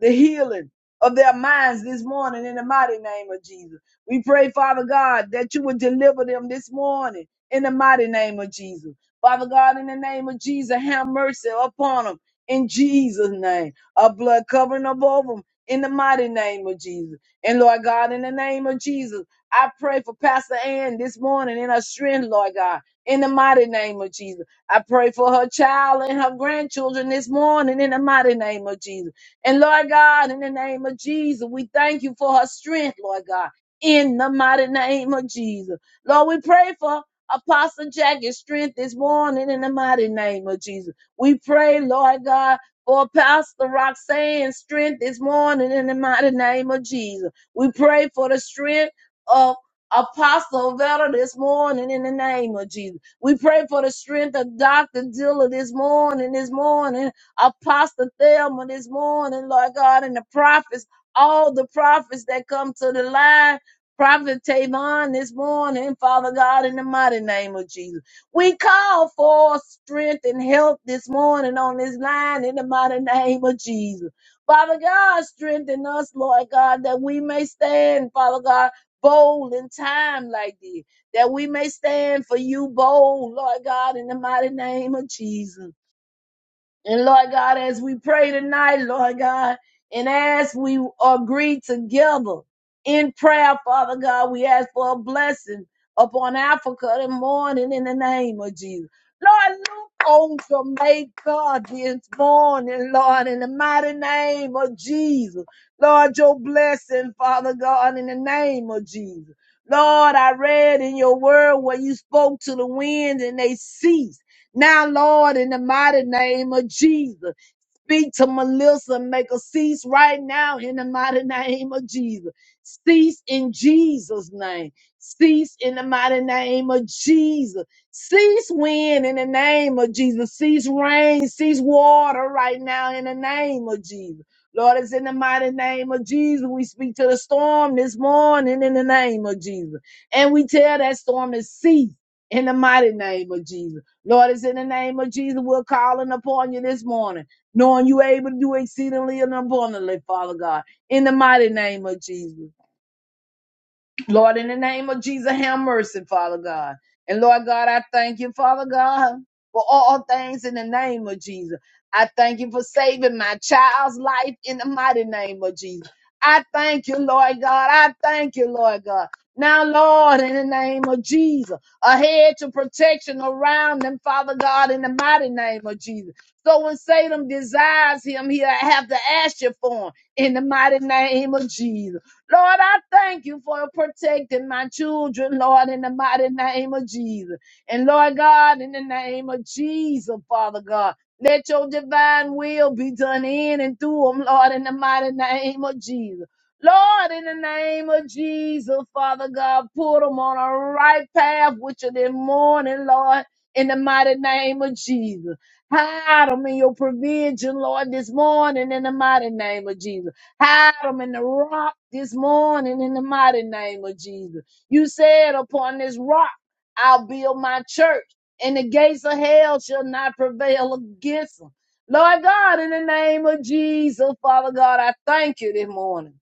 [SPEAKER 3] the healing of their minds this morning in the mighty name of Jesus. We pray, Father God, that you would deliver them this morning in the mighty name of Jesus. Father God, in the name of Jesus, have mercy upon them in Jesus' name. A blood covering above them in the mighty name of Jesus. And Lord God, in the name of Jesus, I pray for Pastor Ann this morning in her strength, Lord God, in the mighty name of Jesus. I pray for her child and her grandchildren this morning in the mighty name of Jesus. And Lord God, in the name of Jesus, we thank you for her strength, Lord God, in the mighty name of Jesus. Lord, we pray for Apostle Jackie's strength this morning in the mighty name of Jesus. We pray, Lord God, for Pastor Roxanne's strength this morning in the mighty name of Jesus. We pray for the strength of Apostle Vera this morning in the name of Jesus. We pray for the strength of Dr. Dilla this morning, this morning, Apostle Thelma this morning, Lord God, and the prophets, all the prophets that come to the line. Prophet Tavon this morning, Father God, in the mighty name of Jesus. We call for strength and help this morning on this line in the mighty name of Jesus. Father God, strengthen us, Lord God, that we may stand, Father God, bold in time like this that we may stand for you bold, Lord God, in the mighty name of Jesus. And Lord God, as we pray tonight, Lord God, and as we agree together in prayer, Father God, we ask for a blessing upon Africa this morning in the name of Jesus. Lord, look on Jamaica this morning, Lord, in the mighty name of Jesus. Lord, your blessing, Father God, in the name of Jesus. Lord, I read in your word where you spoke to the wind and they ceased. Now, Lord, in the mighty name of Jesus. Speak to Melissa, make her cease right now in the mighty name of Jesus. Cease in Jesus' name. Cease in the mighty name of Jesus. Cease wind in the name of Jesus. Cease rain, cease water right now in the name of Jesus. Lord, it's in the mighty name of Jesus. We speak to the storm this morning in the name of Jesus. And we tell that storm to cease in the mighty name of Jesus. Lord, it's in the name of Jesus. We're calling upon you this morning knowing you able to do exceedingly and abundantly, Father God, in the mighty name of Jesus. Lord, in the name of Jesus, have mercy, Father God. And Lord God, I thank you, Father God, for all things in the name of Jesus. I thank you for saving my child's life in the mighty name of Jesus. I thank you, Lord God. I thank you, Lord God. Now, Lord, in the name of Jesus, a hedge of protection around them, Father God, in the mighty name of Jesus. So when Satan desires him, he'll have to ask you for him in the mighty name of Jesus. Lord, I thank you for protecting my children, Lord, in the mighty name of Jesus. And Lord God, in the name of Jesus, Father God, let your divine will be done in and through them, Lord, in the mighty name of Jesus. Lord, in the name of Jesus, Father God, put them on a right path with you this morning, Lord, in the mighty name of Jesus. Hide them in your provision, Lord, this morning in the mighty name of Jesus. Hide them in the rock this morning in the mighty name of Jesus. You said, Upon this rock I'll build my church, and the gates of hell shall not prevail against them. Lord God, in the name of Jesus, Father God, I thank you this morning.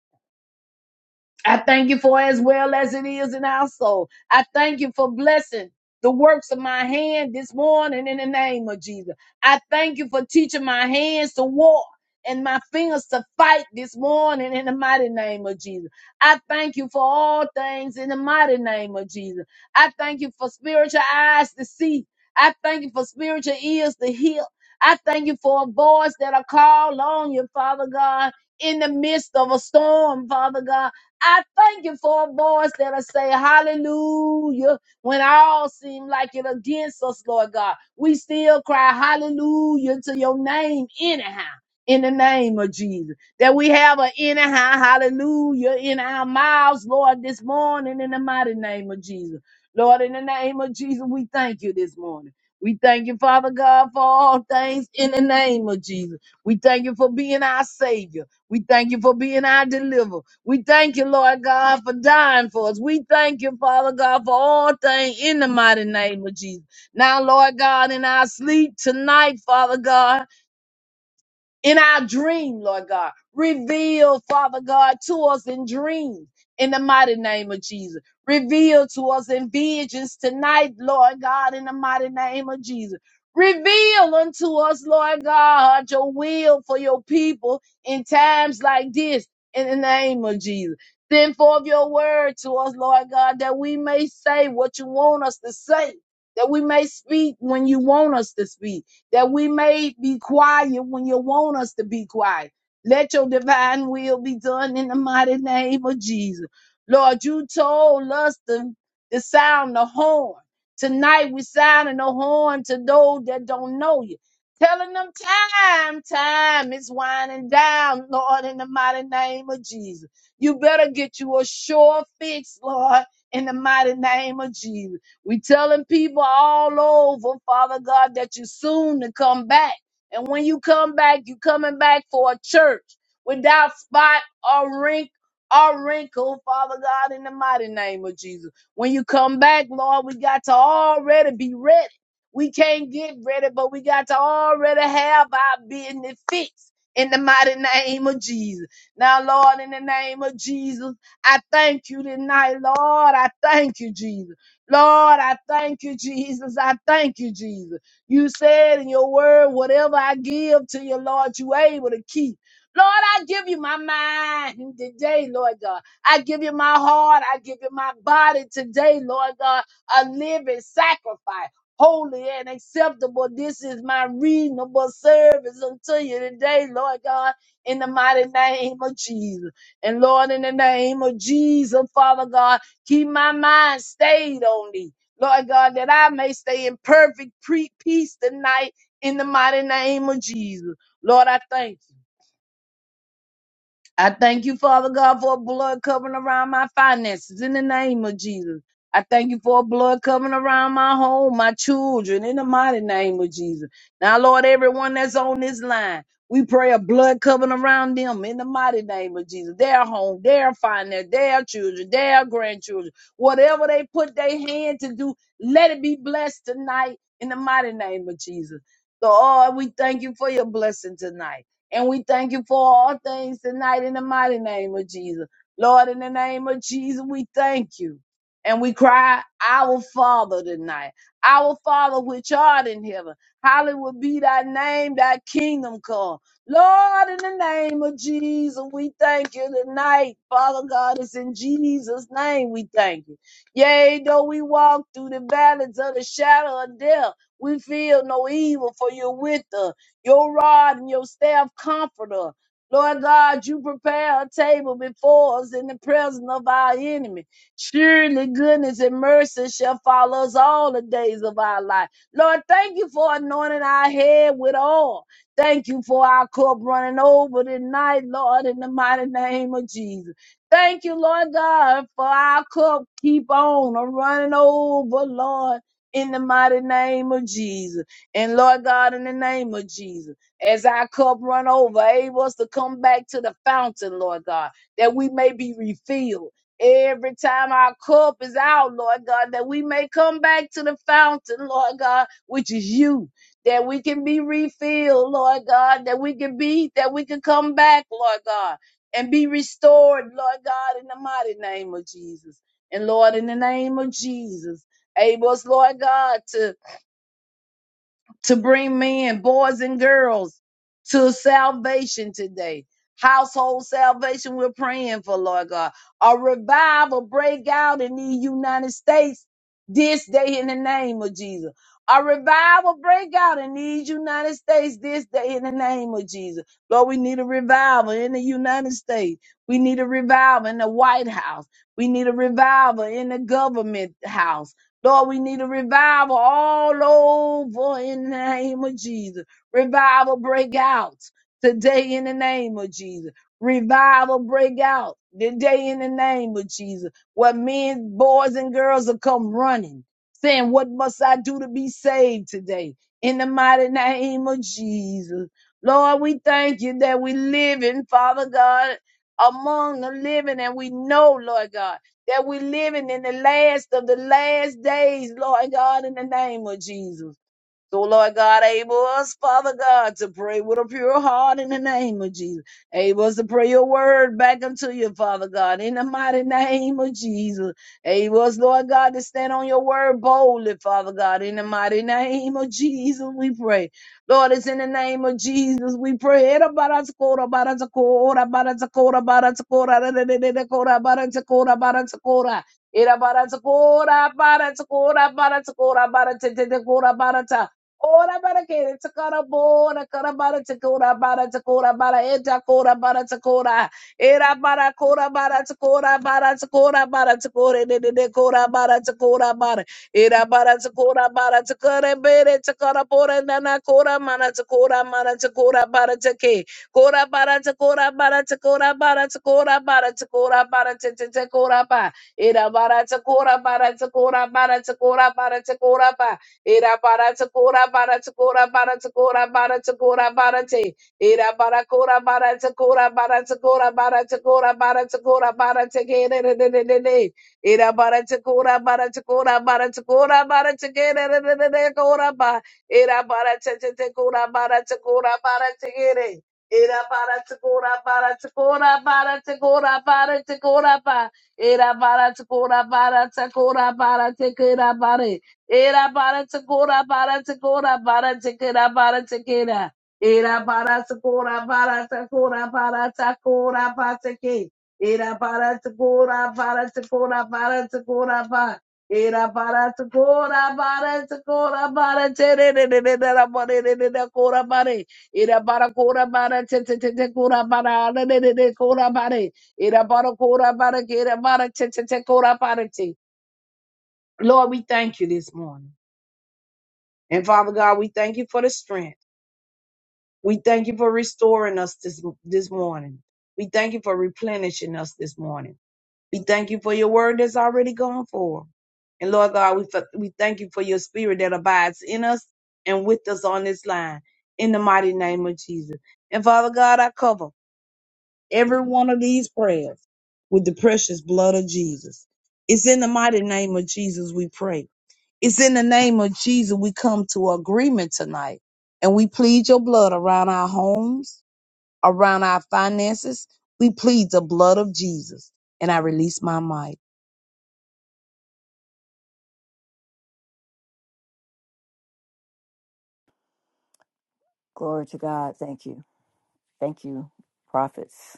[SPEAKER 3] I thank you for as well as it is in our soul. I thank you for blessing the works of my hand this morning in the name of Jesus. I thank you for teaching my hands to walk and my fingers to fight this morning in the mighty name of Jesus. I thank you for all things in the mighty name of Jesus. I thank you for spiritual eyes to see. I thank you for spiritual ears to hear. I thank you for a voice that I call on you, Father God, in the midst of a storm, Father God. I thank you for a voice that'll say hallelujah when all seem like it against us, Lord God. We still cry hallelujah to your name anyhow. In the name of Jesus, that we have a anyhow hallelujah in our mouths, Lord, this morning in the mighty name of Jesus. Lord, in the name of Jesus, we thank you this morning. We thank you, Father God, for all things in the name of Jesus. We thank you for being our Savior. We thank you for being our deliverer. We thank you, Lord God, for dying for us. We thank you, Father God, for all things in the mighty name of Jesus. Now, Lord God, in our sleep tonight, Father God in our dream, Lord God. Reveal, Father God, to us in dreams in the mighty name of Jesus. Reveal to us in visions tonight, Lord God, in the mighty name of Jesus. Reveal unto us, Lord God, your will for your people in times like this in the name of Jesus. Send forth your word to us, Lord God, that we may say what you want us to say, that we may speak when you want us to speak that we may be quiet when you want us to be quiet. Let your divine will be done in the mighty name of Jesus. Lord, you told us to, to sound the horn. Tonight we sounding the horn to those that don't know you. Telling them time, time is winding down, Lord, in the mighty name of Jesus. You better get you a sure fix, Lord, in the mighty name of Jesus. We telling people all over, Father God, that you're soon to come back. And when you come back, you coming back for a church without spot or wrinkle or wrinkle, Father God, in the mighty name of Jesus. When you come back, Lord, we got to already be ready. We can't get ready, but we got to already have our business fixed in the mighty name of Jesus. Now, Lord, in the name of Jesus, I thank you tonight, Lord. I thank you, Jesus. Lord, I thank you, Jesus. I thank you, Jesus. You said in your word, whatever I give to you, Lord, you able to keep. Lord, I give you my mind today, Lord God. I give you my heart. I give you my body today, Lord God. A living sacrifice, holy and acceptable. This is my reasonable service unto you today, Lord God, in the mighty name of Jesus. And Lord, in the name of Jesus, Father God. Keep my mind stayed on thee, Lord God, that I may stay in perfect pre- peace tonight in the mighty name of Jesus. Lord, I thank you. I thank you, Father God, for a blood covering around my finances in the name of Jesus. I thank you for a blood covering around my home, my children, in the mighty name of Jesus. Now, Lord, everyone that's on this line, we pray a blood covering around them in the mighty name of Jesus. Their home, their finance, their children, their grandchildren, whatever they put their hand to do, let it be blessed tonight in the mighty name of Jesus. So, Lord, we thank you for your blessing tonight. And we thank you for all things tonight in the mighty name of Jesus. Lord, in the name of Jesus, we thank you. And we cry, Our Father tonight. Our Father which art in heaven. Hallowed be thy name, thy kingdom come. Lord, in the name of Jesus, we thank you tonight. Father God, it's in Jesus' name we thank you. Yea, though we walk through the valleys of the shadow of death, we feel no evil, for you're with us. Your rod and your staff comforter. Lord God, you prepare a table before us in the presence of our enemy. Surely goodness and mercy shall follow us all the days of our life. Lord, thank you for anointing our head with oil. Thank you for our cup running over tonight, Lord, in the mighty name of Jesus. Thank you, Lord God, for our cup keep on running over, Lord, in the mighty name of Jesus. And Lord God, in the name of Jesus, as our cup run over, able us to come back to the fountain, Lord God, that we may be refilled. Every time our cup is out, Lord God, that we may come back to the fountain, Lord God, which is you, that we can be refilled, Lord God, that we can be, that we can come back, Lord God, and be restored, Lord God, in the mighty name of Jesus. And Lord, in the name of Jesus, able us, Lord God, to to bring men, boys, and girls to salvation today. Household salvation, we're praying for, Lord God. A revival break out in the United States this day in the name of Jesus. A revival break out in these United States this day in the name of Jesus. Lord, we need a revival in the United States. We need a revival in the White House. We need a revival in the government house. Lord, we need a revival all over in the name of Jesus. Revival break out today in the name of Jesus. Revival break out today in the name of Jesus. Where men, boys, and girls will come running, saying, What must I do to be saved today? In the mighty name of Jesus. Lord, we thank you that we live in, Father God, among the living, and we know, Lord God that we're living in the last of the last days, Lord God, in the name of Jesus. So, Lord God, able us, Father God, to pray with a pure heart in the name of Jesus. Able us to pray your word back unto you, Father God, in the mighty name of Jesus. Able us, Lord God, to stand on your word boldly, Father God, in the mighty name of Jesus, we pray. Lord, it's in the name of Jesus, we pray. Era bara tsakora, bara tsakora, bara tsakora, bara tsakora, da, da, da, da, da, kora, bara tsakora, bara tsakora. Era bara tsakora, bara tsakora, bara tsakora, bara tsakora, bara tsakora, bara tsakora. Ora bara kere takara bora kara bara takora bara takora bara eta kora bara takora era bara kora bara takora bara takora bara takore de de de kora bara takora bara era bara takora bara takore bere takara bora nana kora mana takora mana takora bara take kora bara takora bara takora bara takora bara takora bara te te te kora ba era bara takora bara takora bara takora bara takora ba Era para tokora para tokora para tokora para tokora para te. Era para kora para tokora para tokora para tokora para tokora para te. Era de de de de. Era para tokora para tokora para tokora para te. Era kora pa. Era para te te te kora para tokora para te. Era Era para tokora para tokora para tokora para tokora pa. Era para tokora para tokora para te. Era Era bara tikora bara tikora bara tikera bara tikera. Era bara tikora bara tikora bara tikora bara tiki. Era bara tikora bara tikora bara tikora bara. Era bara tikora bara tikora bara tere ne ne ne ne la bore ne ne ne kora bare. Era bara kora bara te te te te kora bara ne ne ne ne kora bare. Era bara kora bara kera bara te te te kora bara te. Lord, we thank you this morning. And Father God, we thank you for the strength. We thank you for restoring us this, this morning. We thank you for replenishing us this morning. We thank you for your word that's already gone forth. And Lord God, we, fa- we thank you for your spirit that abides in us and with us on this line in the mighty name of Jesus. And Father God, I cover every one of these prayers with the precious blood of Jesus. It's in the mighty name of Jesus we pray. It's in the name of Jesus we come to agreement tonight and we plead your blood around our homes, around our finances. We plead the blood of Jesus. And I release my mic.
[SPEAKER 1] Glory to God. Thank you. Thank you, prophets.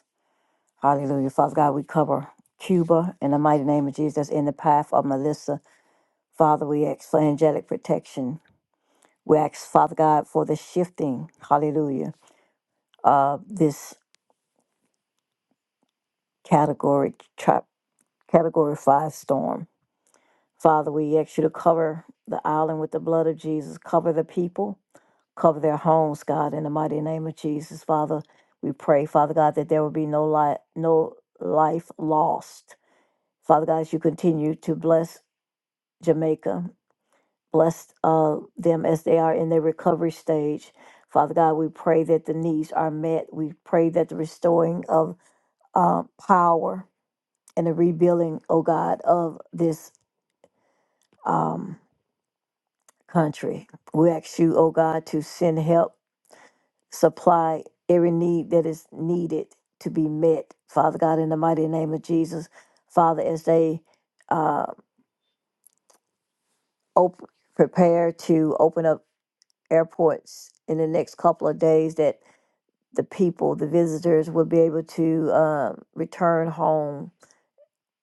[SPEAKER 1] Hallelujah. Father God, we cover Cuba in the mighty name of Jesus in the path of Melissa. Father, we ask for angelic protection. We ask, Father God, for the shifting, hallelujah, of this category, tra- category five storm. Father, we ask you to cover the island with the blood of Jesus, cover the people, cover their homes, God, in the mighty name of Jesus. Father, we pray, Father God, that there will be no, li- no life lost. Father God, as you continue to bless Jamaica. Bless uh, them as they are in their recovery stage. Father God, we pray that the needs are met. We pray that the restoring of uh, power and the rebuilding, oh God, of this um, country. We ask you, oh God, to send help, supply every need that is needed to be met. Father God, in the mighty name of Jesus, Father, as they uh, op- prepare to open up airports in the next couple of days, that the people, the visitors, would be able to uh, return home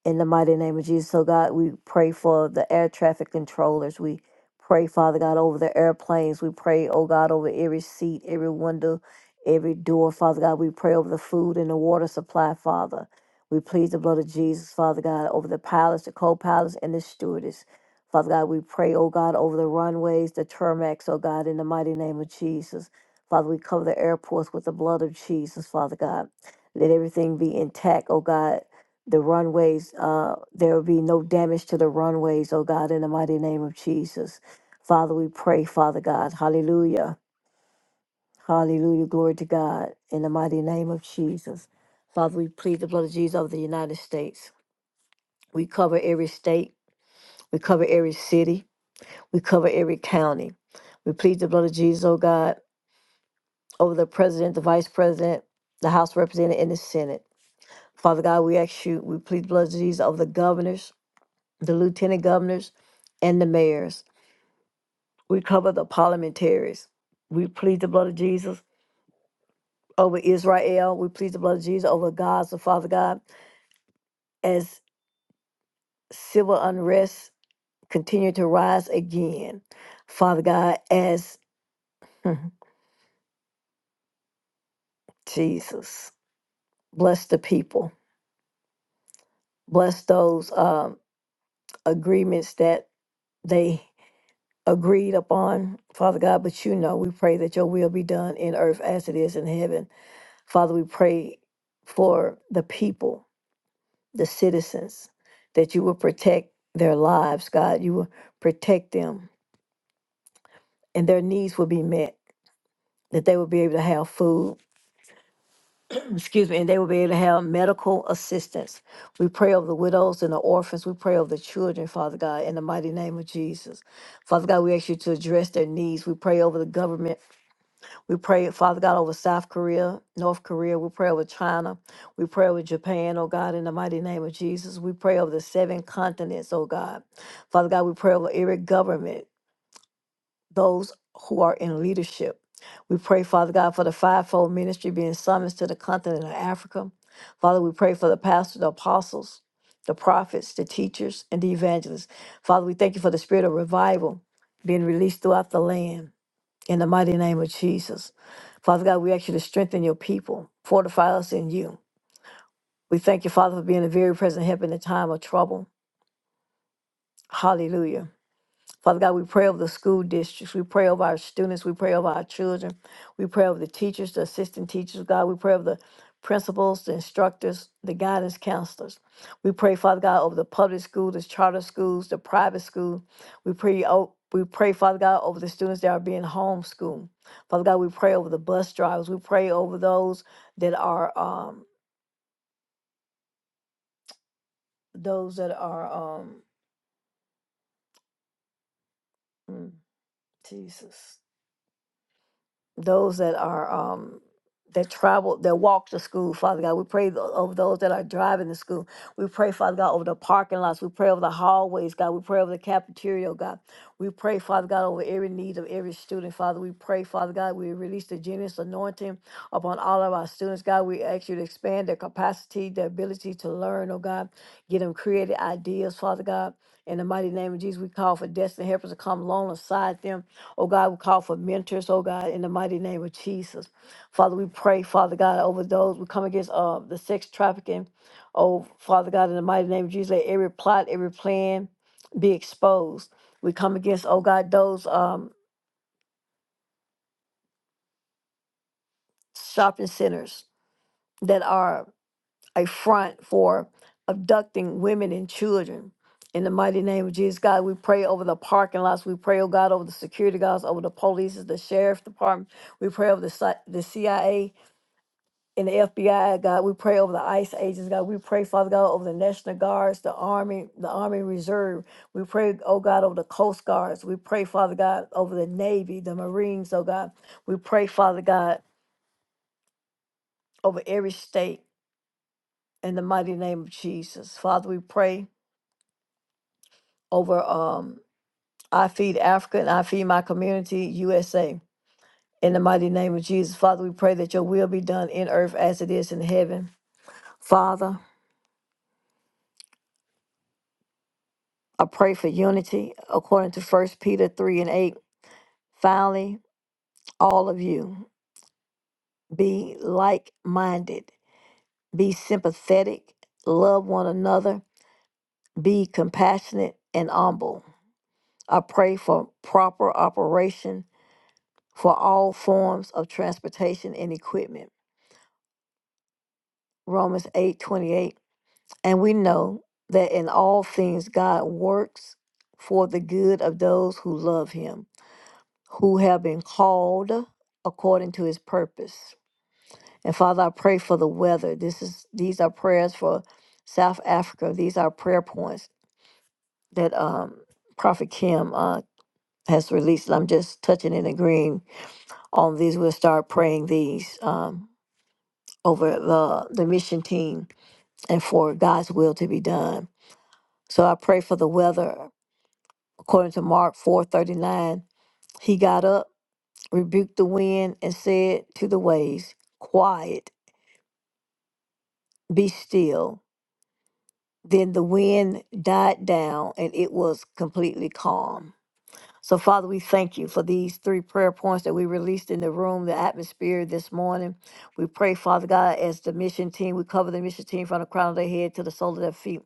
[SPEAKER 1] in the mighty name of Jesus, so God, we pray for the air traffic controllers. We pray, Father God, over the airplanes. We pray, oh God, over every seat, every window, every door, Father God. We pray over the food and the water supply, Father. We plead the blood of Jesus, Father God, over the pilots, the co pilots, and the stewardess. Father God, we pray, oh God, over the runways, the tarmacs, oh God, in the mighty name of Jesus. Father, we cover the airports with the blood of Jesus, Father God. Let everything be intact, oh God the runways, uh, there will be no damage to the runways, oh God, in the mighty name of Jesus. Father, we pray, Father God, hallelujah, hallelujah, glory to God, in the mighty name of Jesus. Father, we plead the blood of Jesus of the United States. We cover every state, we cover every city, we cover every county. We plead the blood of Jesus, oh God, over the president, the vice president, the House representative, and the Senate. Father God, we ask you, we plead the blood of Jesus over the governors, the lieutenant governors, and the mayors. We cover the parliamentaries. We plead the blood of Jesus over Israel. We plead the blood of Jesus over Gaza, Father God, as civil unrest continue to rise again. Father God, as Mhm. Jesus, bless the people. Bless those um, agreements that they agreed upon, Father God. But you know, we pray that your will be done in earth as it is in heaven. Father, we pray for the people, the citizens, that you will protect their lives, God. You will protect them and their needs will be met, that they will be able to have food, excuse me, and they will be able to have medical assistance. We pray over the widows and the orphans. We pray over the children, Father God, in the mighty name of Jesus. Father God, we ask you to address their needs. We pray over the government. We pray, Father God, over South Korea, North Korea. We pray over China. We pray over Japan, oh God, in the mighty name of Jesus. We pray over the seven continents, oh God. Father God, we pray over every government, those who are in leadership. We pray, Father God, for the fivefold ministry being summoned to the continent of Africa. Father, we pray for the pastors, the apostles, the prophets, the teachers, and the evangelists. Father, we thank you for the spirit of revival being released throughout the land in the mighty name of Jesus. Father God, we ask you to strengthen your people, fortify us in you. We thank you, Father, for being a very present help in the time of trouble. Hallelujah. Father God, we pray over the school districts. We pray over our students. We pray over our children. We pray over the teachers, the assistant teachers, God. We pray over the principals, the instructors, the guidance counselors. We pray, Father God, over the public schools, the charter schools, the private school. We pray, oh, we pray, Father God, over the students that are being homeschooled. Father God, we pray over the bus drivers. We pray over those that are um those that are um mm, Jesus. those that are um that travel that walk to school father god we pray tho- over those that are driving to school we pray father god over the parking lots we pray over the hallways god we pray over the cafeteria oh god we pray father god over every need of every student father we pray father god we release the genius anointing upon all of our students god we ask you to expand their capacity their ability to learn oh god get them creative ideas father god in the mighty name of jesus we call for destiny helpers to come alongside them Oh God, we call for mentors, oh God, in the mighty name of Jesus. Father, we pray, Father God, over those. We come against uh, the sex trafficking. Oh, Father God, in the mighty name of Jesus, let every plot, every plan be exposed. We come against, oh God, those um, shopping centers that are a front for abducting women and children. In the mighty name of Jesus, God, we pray over the parking lots. We pray, oh God, over the security guards, over the police, the sheriff department. We pray over the, si- the CIA. in the FBI, God, we pray over the ICE agents, God. We pray, Father God, over the National Guards, the Army, the Army Reserve. We pray, oh God, over the Coast Guards. We pray, Father God, over the Navy, the Marines, oh God. We pray, Father God, over every state in the mighty name of Jesus. Father, we pray over um, I Feed Africa and I Feed My Community USA. In the mighty name of Jesus, Father, we pray that your will be done in earth as it is in heaven. Father, I pray for unity according to First Peter 3 and 8. Finally, all of you be like minded, be sympathetic, love one another, be compassionate and humble. I pray for proper operation for all forms of transportation and equipment. Romans 8 28, And we know that in all things God works for the good of those who love him who have been called according to his purpose. And Father, I pray for the weather. This is these are prayers for South Africa. These are prayer points that um, Prophet Kim uh, has released. I'm just touching and agreeing on these. We'll start praying these um, over the the mission team and for God's will to be done. So I pray for the weather according to Mark 4:39. He got up, rebuked the wind, and said to the waves, "Quiet." be still. Then the wind died down and it was completely calm. So, Father, we thank you for these three prayer points that we released in the room, the atmosphere this morning. We pray, Father God, as the mission team, we cover the mission team from the crown of their head to the sole of their feet.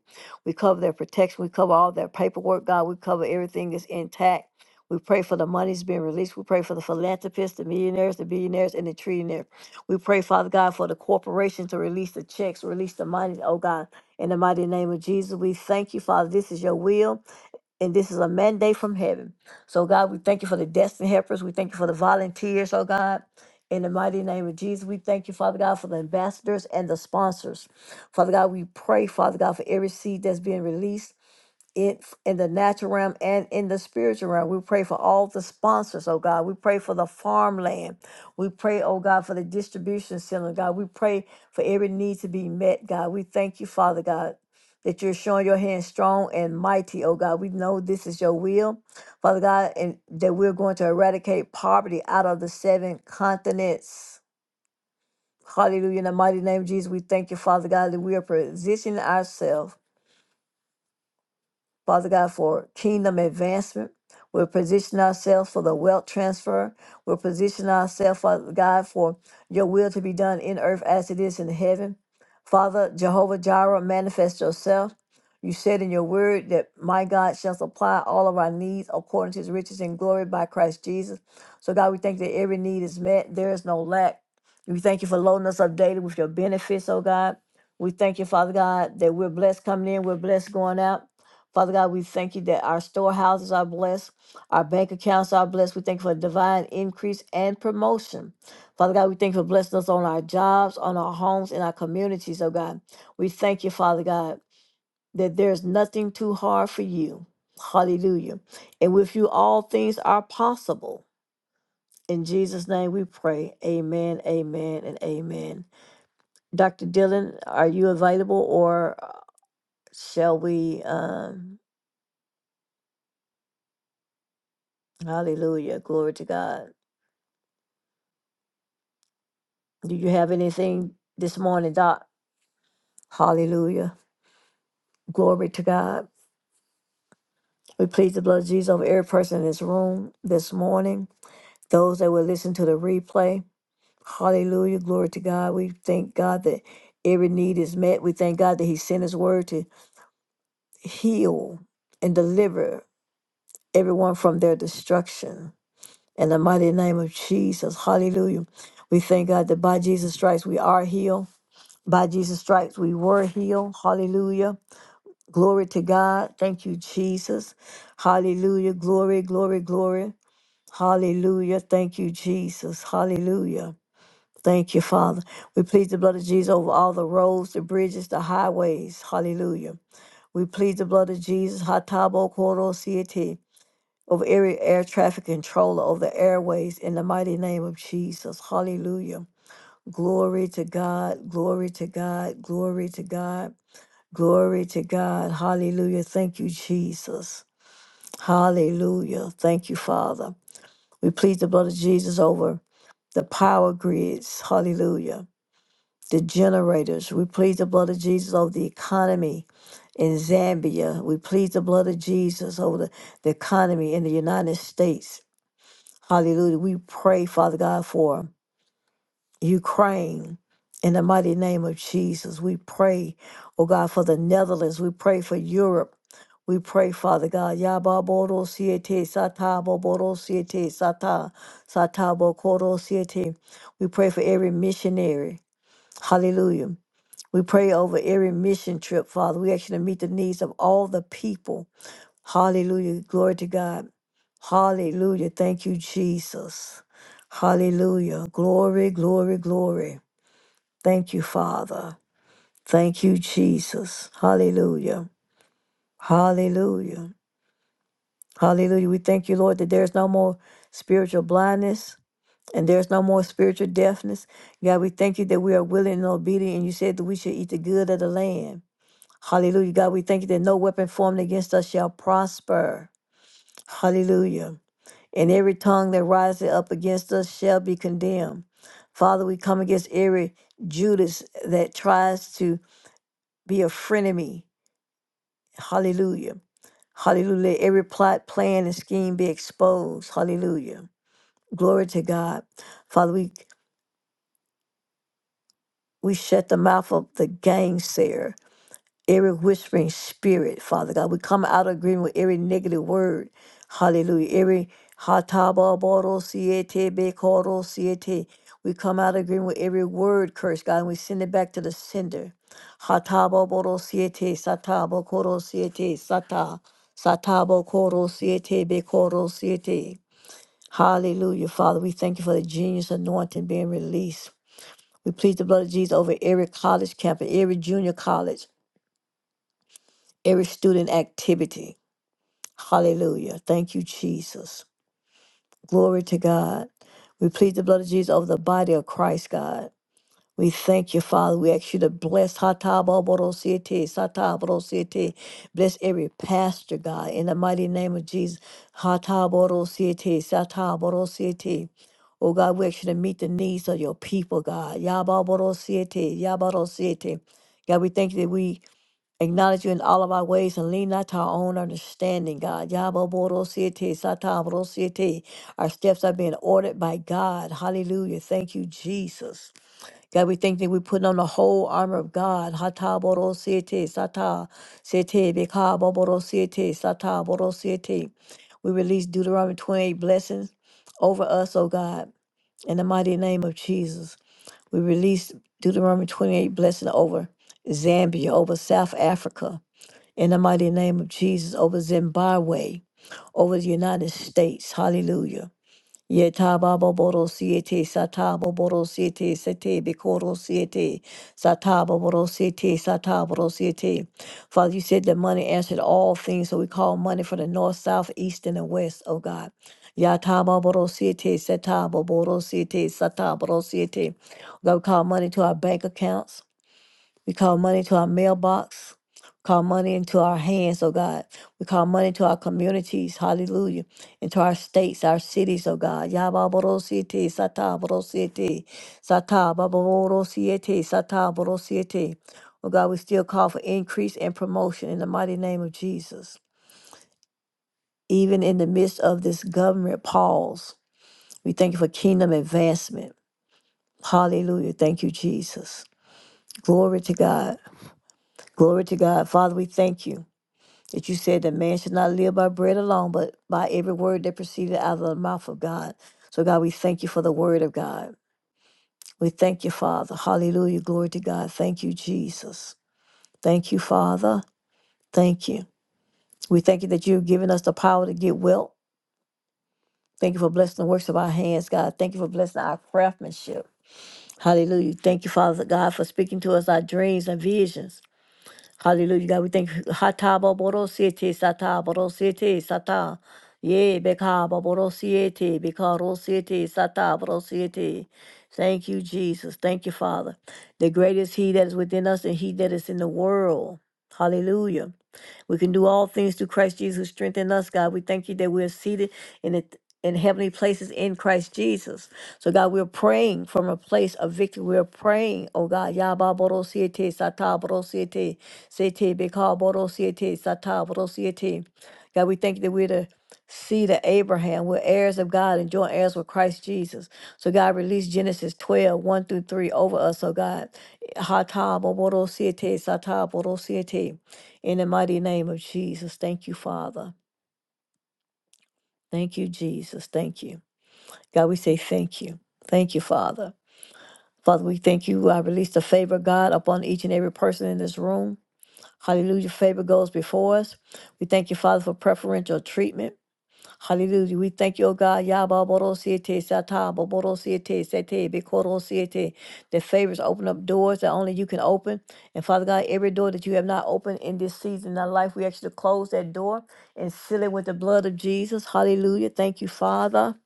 [SPEAKER 1] We cover their protection. We cover all their paperwork, God. We cover everything that's intact. We pray for the monies being released. We pray for the philanthropists, the millionaires, the billionaires, and the trillionaires. We pray, Father God, for the corporation to release the checks, release the money, oh God. In the mighty name of Jesus, we thank you, Father. This is your will and this is a mandate from heaven. So, God, we thank you for the destined helpers. We thank you for the volunteers, oh God. In the mighty name of Jesus, we thank you, Father God, for the ambassadors and the sponsors. Father God, we pray, Father God, for every seed that's being released in in the natural realm and in the spiritual realm. We pray for all the sponsors, oh God. We pray for the farmland. We pray, oh God, for the distribution center, God. We pray for every need to be met, God. We thank you, Father God. That you're showing your hand strong and mighty, oh God. We know this is your will, Father God, and that we're going to eradicate poverty out of the seven continents. Hallelujah. In the mighty name of Jesus, we thank you, Father God, that we are positioning ourselves Father God, for kingdom advancement. we will position ourselves for the wealth transfer. we will position ourselves, Father God, for your will to be done in earth as it is in heaven. Father, Jehovah Jireh, manifest yourself. You said in your word that my God shall supply all of our needs according to his riches and glory by Christ Jesus. So, God, we thank that every need is met. There is no lack. We thank you for loading us up daily with your benefits, oh God. We thank you, Father God, that we're blessed coming in, we're blessed going out. Father God, we thank you that our storehouses are blessed, our bank accounts are blessed. We thank you for divine increase and promotion. Father God, we thank you for blessing us on our jobs, on our homes, in our communities, oh God. We thank you, Father God, that there's nothing too hard for you. Hallelujah. And with you, all things are possible. In Jesus' name we pray. Amen, amen, and amen. Dr. Dillon, are you available or shall we? Um, hallelujah. Glory to God. Do you have anything this morning, Doc? Hallelujah. Glory to God. We plead the blood of Jesus over every person in this room this morning, those that will listen to the replay. Hallelujah. Glory to God. We thank God that every need is met. We thank God that He sent His word to heal and deliver everyone from their destruction. In the mighty name of Jesus. Hallelujah. We thank God that by Jesus' stripes we are healed. By Jesus' stripes we were healed. Hallelujah. Glory to God. Thank you, Jesus. Hallelujah. Glory, glory, glory. Hallelujah. Thank you, Jesus. Hallelujah. Thank you, Father. We plead the blood of Jesus over all the roads, the bridges, the highways. Hallelujah. We plead the blood of Jesus, Hatabo Koro Siete, over every air traffic controller, over the airways, in the mighty name of Jesus. Hallelujah. Glory to God. Glory to God. Glory to God. Glory to God. Hallelujah. Thank you, Jesus. Hallelujah. Thank you, Father. We plead the blood of Jesus over the power grids. Hallelujah. The generators. We plead the blood of Jesus over the economy in Zambia. We plead the blood of Jesus over the, the economy in the United States. Hallelujah. We pray, Father God, for. Ukraine. In the mighty name of Jesus, we pray, oh God, for the Netherlands. We pray for Europe. We pray, Father God. Yababoro siete satabo boro siete sata satabo koro siete. We pray for every missionary. Hallelujah. We pray over every mission trip, Father. We actually meet the needs of all the people. Hallelujah. Glory to God. Hallelujah. Thank you, Jesus. Hallelujah. Glory, glory, glory. Thank you, Father. Thank you, Jesus. Hallelujah. Hallelujah. Hallelujah. We thank you, Lord, that there's no more spiritual blindness and there's no more spiritual deafness. God, we thank you that we are willing and obedient, and you said that we should eat the good of the land. Hallelujah. God, we thank you that no weapon formed against us shall prosper. Hallelujah. And every tongue that rises up against us shall be condemned. Father, we come against every Judas that tries to be a frenemy Hallelujah. Hallelujah. Let every plot, plan, and scheme be exposed. Hallelujah. Glory to God. Father, we, we shut the mouth of the gangster. every whispering spirit, Father God. We come out of agreement with every negative word. Hallelujah. Every hatababoro siete bekoro siete. we come out of agreement with every word curse, God, and we send it back to the sender. Hatabo boro siete satabo koro siete sata satabo koro siete be siete. Hallelujah, Father. We thank you for the genius anointing being released. We plead the blood of Jesus over every college campus, every junior college every student activity. Hallelujah. Thank you, Jesus. Glory to God. We plead the blood of Jesus over the body of Christ, God. We thank you, Father. We ask you to bless Hataboborosiete, Sataborosiete. Bless every pastor, God, in the mighty name of Jesus. Hataborosiete, Sataborosiete. Oh God, we ask you to meet the needs of your people, God. Yababorosiete, Yabarosiete. God, we thank you that we Acknowledge you in all of our ways and lean not to our own understanding, God. Yaboborosiete, satabrosiete. Our steps are being ordered by God. Hallelujah. Thank you, Jesus. God, we thank that we're putting on the whole armor of God. Hataborosiete, sata, sete, bekaboborosiete, sataborosiete. We release Deuteronomy 28 blessings over us, O God, in the mighty name of Jesus. We release Deuteronomy 28 blessing over Zambia, over South Africa in the mighty name of Jesus over Zimbabwe, over the United States. Hallelujah. Yetababobodosiete, satabobodosiete, sete, bikorosiete, satabobodosiete, satabodosiete. Father, you said that money answered all things, so we call money for the north, south, east, and the west, oh God. Yatababodosiete, satabobodosiete, satabodosiete. God, we call money to our bank accounts. We call money to our mailbox. We call money into our hands, oh God. We call money to our communities, hallelujah, into our states, our cities, oh God. Yababorositi, sataborositi, satababorositi, sataborositi. Oh God, we still call for increase and promotion in the mighty name of Jesus. Even in the midst of this government pause, we thank you for kingdom advancement. Hallelujah. Thank you, Jesus. Glory to God. Glory to God. Father, we thank you. that you said that man should not live by bread alone, but by every word that proceeded out of the mouth of God. So, God, we thank you for the word of God. We thank you, Father. Hallelujah. Glory to God. Thank you, Jesus. Thank you, Father. Thank you. We thank you that you've given us the power to get well. Thank you for blessing the works of our hands, God. Thank you for blessing our craftsmanship. Hallelujah. Thank you, Father God, for speaking to us our dreams and visions. Hallelujah. God, we thank Hatabo Borosiete Sata Borosiete Sata. Ye Bekaba Borosiete Bekarosiete Sata Borosiete. Thank you, Jesus. Thank you, Father. The greatest He that is within us and He that is in the world. Hallelujah. We can do all things through Christ Jesus who strengthened us, God. We thank you that we're seated in it. In heavenly places in Christ Jesus. So, God, we're praying from a place of victory. We're praying, oh God, Yaba Boro Siete, Sata Boro Siete, Sete Beka Boro Siete, Sata Boro Siete. God, we thank you that we're the seed of Abraham. We're heirs of God and joint heirs with Christ Jesus. So God release Genesis twelve one through 3 over us. So God, Hata Boboro Siete, Sata Boro Siete. In the mighty name of Jesus, thank you, Father. Thank you, Jesus. Thank you. God, we say thank you. Thank you, Father. Father, we thank you. I release the favor, God, upon each and every person in this room. Hallelujah. Favor goes before us. We thank you, Father, for preferential treatment. Hallelujah. We thank you, O God. Yaba Yababarosiete sata, babarosiete sete, bikorosiete. The favors open up doors that only you can open. And Father God, every door that you have not opened in this season of life, we ask you to close that door and seal it with the blood of Jesus. Hallelujah. Thank you, Father.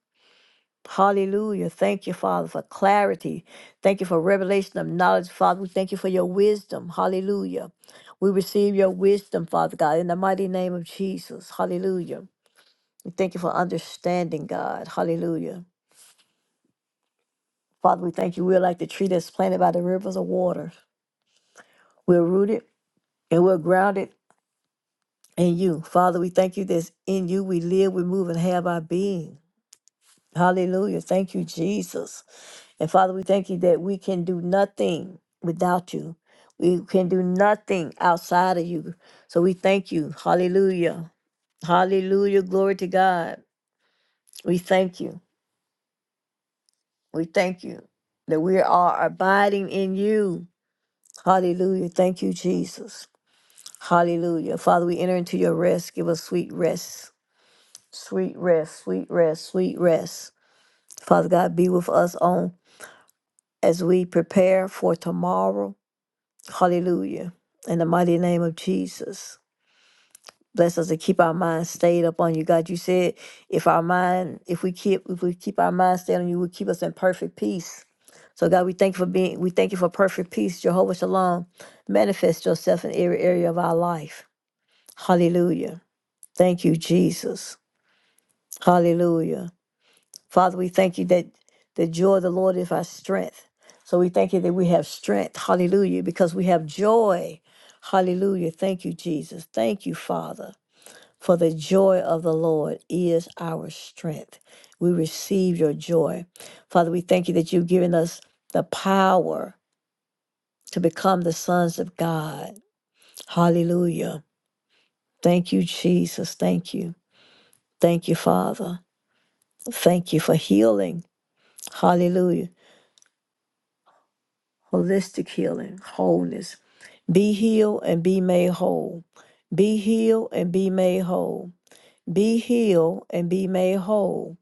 [SPEAKER 1] Hallelujah. Thank you, Father, for clarity. Thank you for revelation of knowledge, Father. We thank you for your wisdom. Hallelujah. We receive your wisdom, Father God, in the mighty name of Jesus. Hallelujah. Thank you for understanding, God. Hallelujah. Father, we thank you. We're like the tree that's planted by the rivers of water. We're rooted and we're grounded in you. Father, we thank you that in you we live, we move, and have our being. Hallelujah. Thank you, Jesus. And Father, we thank you that we can do nothing without you. We can do nothing outside of you. So we thank you. Hallelujah. Hallelujah. Glory to God. We thank you. We thank you that we are abiding in you. Hallelujah. Thank you, Jesus. Hallelujah. Father, we enter into your rest. Give us sweet rest. Sweet rest, sweet rest, sweet rest. Father God, be with us on as we prepare for tomorrow. Hallelujah. In the mighty name of Jesus. Bless us to keep our minds stayed up on you. God, you said if our mind, if we keep if we keep our mind stayed on you, will keep us in perfect peace. So God, we thank you for being we thank you for perfect peace. Jehovah Shalom. Manifest yourself in every area of our life. Hallelujah. Thank you, Jesus. Hallelujah. Father, we thank you that the joy of the Lord is our strength. So we thank you that we have strength. Hallelujah. Because we have joy. Hallelujah. Thank you, Jesus. Thank you, Father. For the joy of the Lord is our strength. We receive your joy. Father, we thank you that you've given us the power to become the sons of God. Hallelujah. Thank you, Jesus. Thank you. Thank you, Father. Thank you for healing. Hallelujah. Holistic healing, wholeness. Be healed and be made whole. Be healed and be made whole. Be healed and be made whole.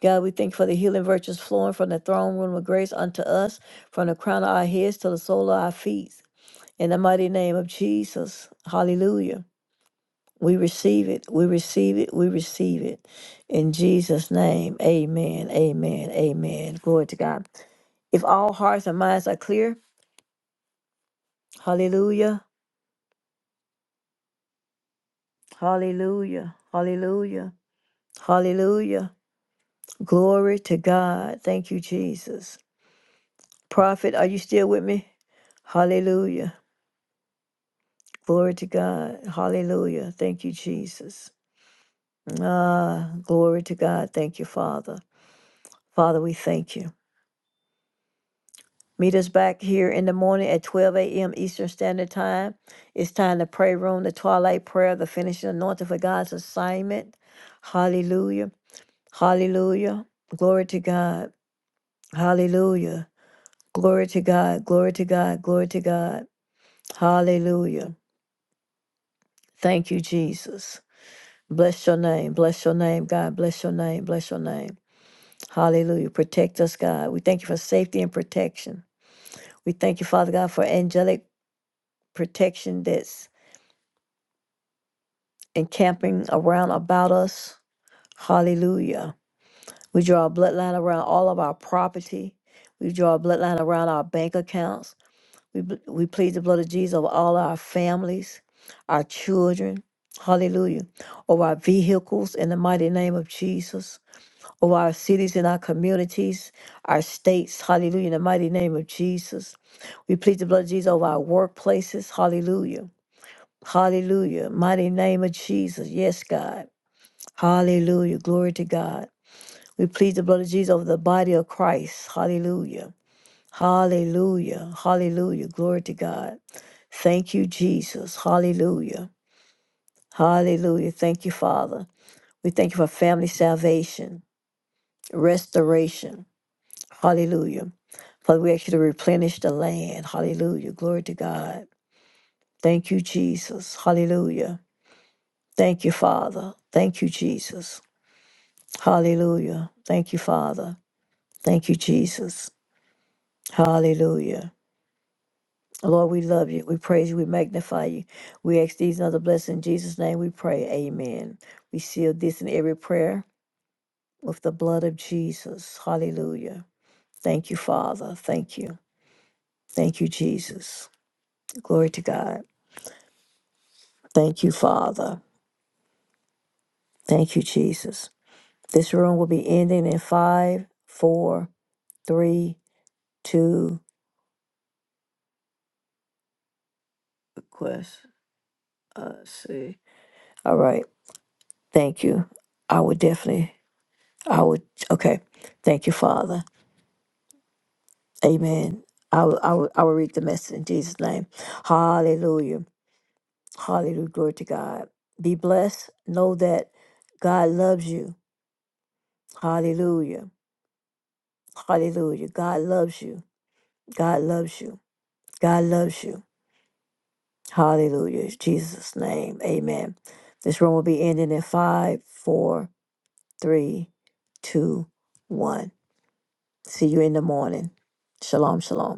[SPEAKER 1] God, we thank you for the healing virtues flowing from the throne room of grace unto us, from the crown of our heads to the sole of our feet. In the mighty name of Jesus. Hallelujah. We receive it. We receive it. We receive it. In Jesus' name, amen. Amen. Amen. Glory to God. If all hearts and minds are clear, hallelujah. Hallelujah. Hallelujah. Hallelujah. Glory to God. Thank you, Jesus. Prophet, are you still with me? Hallelujah. Glory to God. Hallelujah. Thank you, Jesus. Ah, glory to God. Thank you, Father. Father, we thank you. Meet us back here in the morning at 12 a.m. Eastern Standard Time. It's time to pray room, the twilight prayer, the finishing anointing for God's assignment. Hallelujah. Hallelujah. Glory to God. Hallelujah. Glory to God. Glory to God. Glory to God. Hallelujah. Thank you, Jesus. Bless your name. Bless your name, God. Bless your name. Bless your name. Hallelujah. Protect us, God. We thank you for safety and protection. We thank you, Father God, for angelic protection that's encamping around about us. Hallelujah. We draw a bloodline around all of our property. We draw a bloodline around our bank accounts. We, bl- we plead the blood of Jesus over all our families, our children. Hallelujah. Over our vehicles in the mighty name of Jesus. Over our cities and our communities, our states. Hallelujah. In the mighty name of Jesus. We plead the blood of Jesus over our workplaces. Hallelujah. Hallelujah. Mighty name of Jesus. Yes, God. Hallelujah. Glory to God. We plead the blood of Jesus over the body of Christ. Hallelujah. Hallelujah. Hallelujah. Glory to God. Thank you, Jesus. Hallelujah. Hallelujah. Thank you, Father. We thank you for family salvation, restoration. Hallelujah. Father, we ask you to replenish the land. Hallelujah. Glory to God. Thank you, Jesus. Hallelujah. Thank you, Father. Thank you, Jesus. Hallelujah. Thank you, Father. Thank you, Jesus. Hallelujah. Lord, we love you. We praise you. We magnify you. We ask these and other blessings. In Jesus' name we pray. Amen. We seal this in every prayer with the blood of Jesus. Hallelujah. Thank you, Father. Thank you. Thank you, Jesus. Glory to God. Thank you, Father. Thank you, Jesus. This room will be ending in five, four, three, two. Request. Uh, see. All right. Thank you. I would definitely. I would, okay. Thank you, Father. Amen. I will, I will, I will read the message in Jesus' name. Hallelujah. Hallelujah. Glory to God. Be blessed. Know that God loves you. Hallelujah. Hallelujah. God loves you. God loves you. God loves you. Hallelujah. In Jesus' name. Amen. This room will be ending in five, four, three, two, one. See you in the morning. Shalom, shalom.